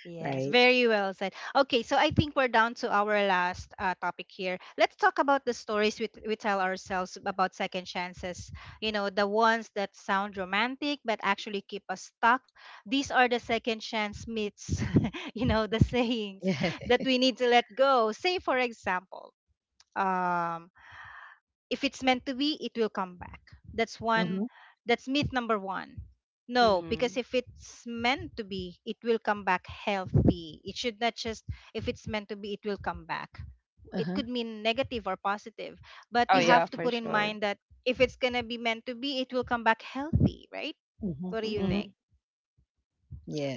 Speaker 1: Yes,
Speaker 2: right?
Speaker 1: very well said. Okay, so I think we're down to our last topic here. Let's talk about the stories we tell ourselves about second chances. You know, the ones that sound romantic but actually keep us stuck. These are the second chance myths, you know, the sayings
Speaker 2: Yeah.
Speaker 1: that we need to let go. Say, for example, um, if it's meant to be, it will come back. That's one,
Speaker 2: Mm-hmm.
Speaker 1: that's myth number 1. No,
Speaker 3: Mm-hmm.
Speaker 1: because if it's meant to be, it will come back healthy. It should not just, if it's meant to be, it will come back. It
Speaker 2: Uh-huh.
Speaker 1: could mean negative or positive, but
Speaker 3: Oh
Speaker 1: you have
Speaker 3: yeah,
Speaker 1: to
Speaker 2: Exactly.
Speaker 3: for
Speaker 1: put in
Speaker 3: sure.
Speaker 1: mind that if it's going to be meant to be, it will come back healthy, right?
Speaker 2: Mm-hmm.
Speaker 1: What do you
Speaker 2: Mm-hmm.
Speaker 3: Mm-hmm.
Speaker 1: think?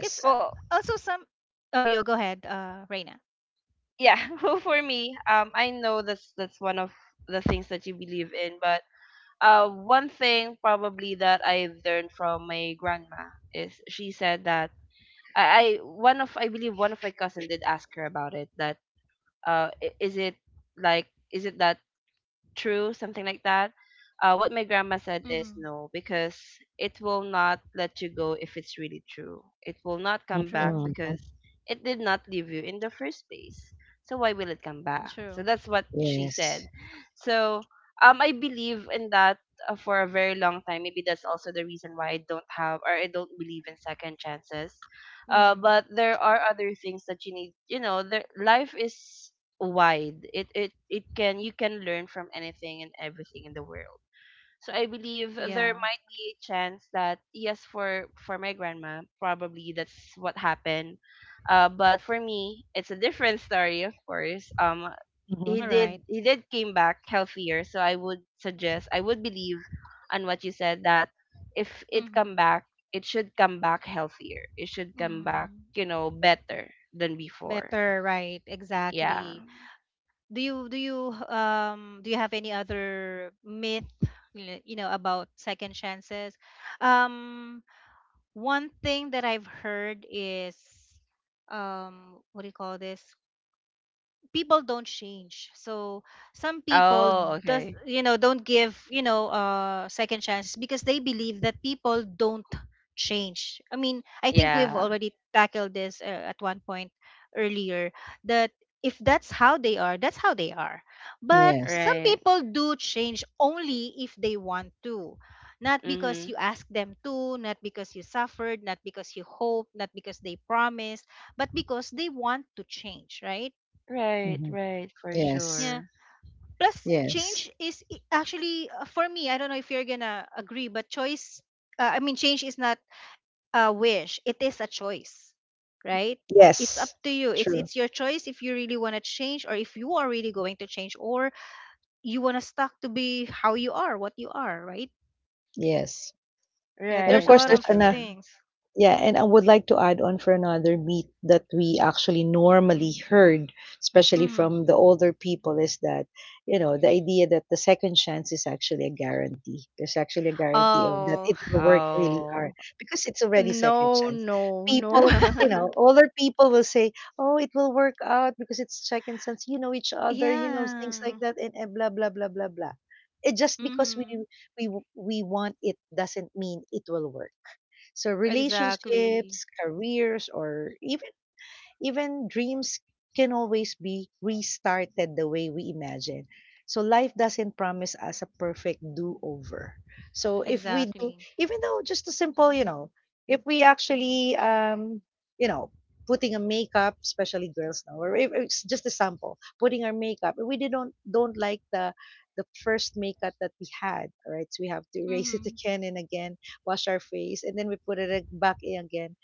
Speaker 1: Cuz
Speaker 3: Well,
Speaker 1: also some Oh, yo, go ahead, Reina.
Speaker 3: yeah. Well, for me, I know that's one of the things that you believe in, but one thing probably that I learned from my grandma is she said that I believe one of my cousin did ask her about it that is it like is it that true, something like that. What my grandma said is
Speaker 1: Mhm.
Speaker 3: no, because it will not let you go if it's really true. It will not
Speaker 2: Mm-hmm.
Speaker 3: come back
Speaker 1: True.
Speaker 2: Mm-hmm.
Speaker 3: because it did not leave you in the first place. So why will it come back?
Speaker 1: True.
Speaker 3: So that's what she
Speaker 2: Yes.
Speaker 3: said. So I believe in that for a very long time. Maybe that's also the reason why I don't have or I don't believe in second chances.
Speaker 1: Mhm.
Speaker 3: But there are other things that you need. You know, there, life is wide. It can You can learn from anything and everything in the world. So I believe there
Speaker 1: Yeah.
Speaker 3: might be a chance that yes, for my grandma, probably that's what happened. But for me, it's a different story, of course.
Speaker 2: Mm-hmm.
Speaker 1: All right.
Speaker 3: He did came back healthier. So I would believe on what you said that if it
Speaker 1: Mhm.
Speaker 3: come back, it should come back healthier. It should come back,
Speaker 1: Mm.
Speaker 3: you know, better than before.
Speaker 1: Better, right,
Speaker 3: Yeah.
Speaker 1: exactly. Do you do you have any other myth you know about second chances? Um one thing that I've heard is, what do you call this? People don't change, so some people
Speaker 3: Oh,
Speaker 1: does,
Speaker 3: okay.
Speaker 1: you know, don't give, you know, second chances because they believe that people don't change. I mean, I think we've
Speaker 3: Yeah,
Speaker 1: already tackled this at one point earlier. That, if that's how they are, that's how they are, but
Speaker 2: Yes.
Speaker 1: some
Speaker 3: right.
Speaker 1: people do change, only if they want to, not because
Speaker 3: Mm-hmm.
Speaker 1: you ask them to, not because you suffered, not because you hope, not because they promised, but because they want to change, right?
Speaker 3: Right,
Speaker 2: Mm-hmm.
Speaker 3: right, for
Speaker 2: Yes.
Speaker 1: Yeah,
Speaker 3: sure.
Speaker 1: plus
Speaker 2: Yes.
Speaker 1: change is actually, for me, I don't know if you're gonna agree, but choice, I mean, change is not a wish, it is a choice, right? It's up
Speaker 2: Yes.
Speaker 1: to you. it's
Speaker 2: True.
Speaker 1: it's your choice if you really want to change or if you are really going to change, or you want to stuck to be how you are, what you are, right?
Speaker 2: Yes.
Speaker 1: Yeah,
Speaker 2: And of
Speaker 1: there's a
Speaker 3: Right,
Speaker 2: course,
Speaker 1: lot
Speaker 3: for
Speaker 1: of
Speaker 2: there's an
Speaker 3: sure.
Speaker 1: things.
Speaker 2: yeah, and I would like to add on for another myth that we actually normally heard, especially
Speaker 1: Hmm.
Speaker 2: from the older people, is that, you know, the idea that the second chance is actually a guarantee. There's actually a guarantee of that
Speaker 1: Oh.
Speaker 2: it will work really
Speaker 3: Oh.
Speaker 2: hard because it's already second
Speaker 1: No,
Speaker 2: chance.
Speaker 1: no, no.
Speaker 2: People, you know, older people will say, oh, it will work out because it's second chance. You know each other, you know, things
Speaker 1: Yeah.
Speaker 2: like that, and blah, blah, blah, blah, blah. It just because
Speaker 1: Hmm.
Speaker 2: we we want it doesn't mean it will work. So
Speaker 1: Exactly.
Speaker 2: relationships, careers, or even dreams can always be restarted the way we imagine. So life doesn't promise us a perfect do-over. So if we do,
Speaker 1: Exactly.
Speaker 2: even though just a simple, you know, if we actually, you know, putting a makeup, especially girls now, or if, it's just a sample, putting our makeup, we didn't don't like the first makeup that we had, right? So we have to erase it
Speaker 1: Hmm.
Speaker 2: again and again, wash our face, and then we put it back in again,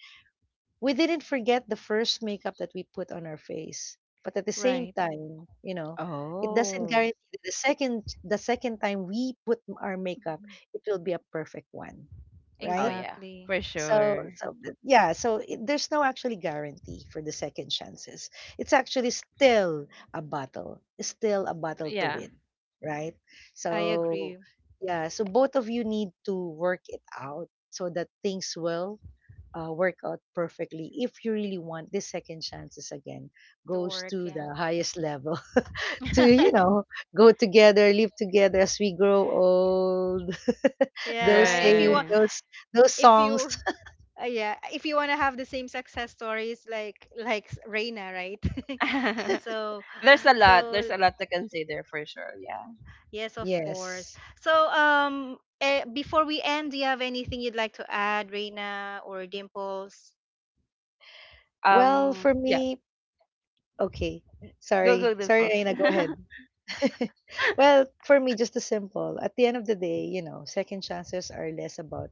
Speaker 2: we didn't forget the first makeup that we put on our face, but at the same
Speaker 1: Right.
Speaker 2: time you know it doesn't
Speaker 3: Oh.
Speaker 2: guarantee that the second time we put our makeup it will be a perfect one,
Speaker 3: Oh
Speaker 2: right?
Speaker 3: yeah,
Speaker 1: Exactly.
Speaker 3: for
Speaker 2: So
Speaker 3: sure.
Speaker 2: yeah, so it, there's no actually guarantee for the second chances, it's actually still a battle, it's still a battle to
Speaker 3: Yeah.
Speaker 2: win, right?
Speaker 1: I
Speaker 2: So
Speaker 1: agree.
Speaker 2: yeah, so both of you need to work it out so that things will work out perfectly, if you really want the second chances again,
Speaker 1: To
Speaker 2: goes
Speaker 1: work,
Speaker 2: to
Speaker 1: yeah.
Speaker 2: the highest level to you know go together live together as we grow old.
Speaker 1: Yeah,
Speaker 2: Those
Speaker 1: if you
Speaker 2: saying,
Speaker 1: want,
Speaker 3: Right.
Speaker 2: those
Speaker 1: if
Speaker 2: songs.
Speaker 1: you yeah, if you want to have the same success stories like Reina, right? So
Speaker 3: There's a lot.
Speaker 1: so
Speaker 3: There's a lot to consider for sure. Yeah.
Speaker 1: yes, of course.
Speaker 2: Yes.
Speaker 1: So before we end, do you have anything you'd like to add, Reina or Dimples?
Speaker 2: Well for
Speaker 3: Yeah.
Speaker 2: me, okay,
Speaker 3: Go go the
Speaker 2: sorry
Speaker 3: post.
Speaker 2: Aina, go ahead. Well, for me, just a simple. At the end of the day, you know, second chances are less about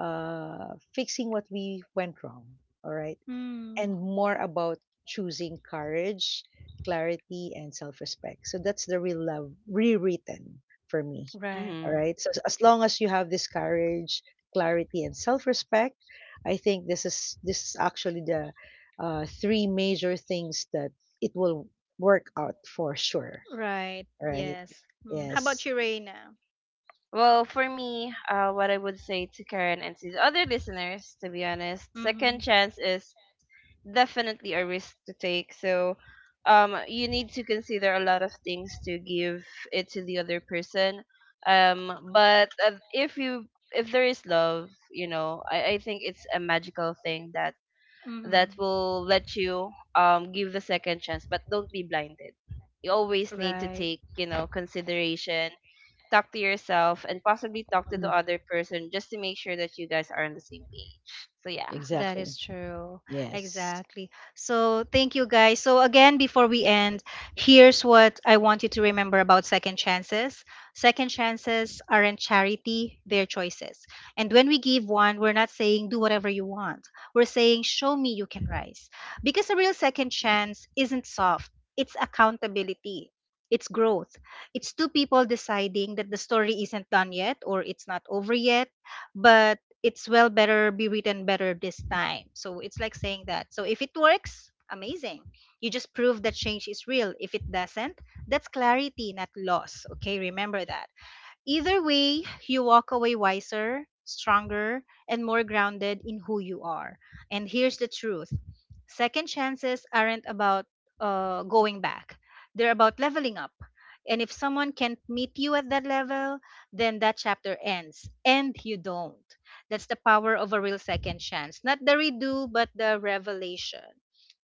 Speaker 2: fixing what we went wrong. All right.
Speaker 1: Hmm.
Speaker 2: And more about choosing courage, clarity, and self respect. So that's the real love rewritten for me.
Speaker 1: Right.
Speaker 2: All
Speaker 3: Mm-hmm.
Speaker 2: right. So as long as you have this courage, clarity, and self respect, I think this is actually the three major things that it will work out for sure.
Speaker 1: Right.
Speaker 2: All right.
Speaker 1: Yes. Mm. How about
Speaker 2: Yes.
Speaker 1: you, Reina?
Speaker 3: Well, for me, what I would say to Karen and to the other listeners, to be honest, second
Speaker 1: Mhm.
Speaker 3: chance is definitely a risk to take. So, you need to consider a lot of things to give it to the other person. But if you if there is love, you know, I think it's a magical thing that
Speaker 1: Mhm.
Speaker 3: will let you give the second chance, but don't be blinded. You always need to
Speaker 1: Right.
Speaker 3: take, you know, consideration, talk to yourself and possibly talk to the
Speaker 2: Mhm.
Speaker 3: other person just to make sure that you guys are on the same page. So yeah.
Speaker 1: That
Speaker 2: Exactly.
Speaker 1: is true.
Speaker 2: Yes.
Speaker 1: Exactly. So, thank you guys. So, again, before we end, here's what I want you to remember about second chances. Second chances aren't charity, they're choices. And when we give one, we're not saying do whatever you want, we're saying show me you can rise. Because a real second chance isn't soft, it's accountability, it's growth. It's two people deciding that the story isn't done yet, or it's not over yet, but it's well better be written better this time. So it's like saying that. So if it works, amazing. You just prove that change is real. If it doesn't, that's clarity, not loss. Okay, remember that. Either way, you walk away wiser, stronger, and more grounded in who you are. And here's the truth, second chances aren't about going back, they're about leveling up. And if someone can't meet you at that level, then that chapter ends and you don't. That's the power of a real second chance. Not the redo, but the revelation.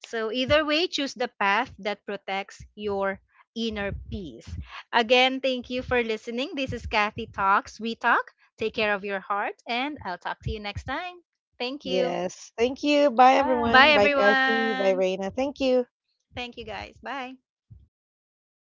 Speaker 1: So, either way, choose the path that protects your inner peace. Again, thank you for listening. This is Kathy Talks. We talk. Take care of your heart, and I'll talk to you next time. Thank you.
Speaker 2: Yes. Thank you. Bye,
Speaker 1: Bye,
Speaker 2: everyone. Bye,
Speaker 3: Bye.
Speaker 2: Kathy. Bye,
Speaker 1: everyone.
Speaker 2: Raina. Thank you.
Speaker 1: Thank you, guys. Bye.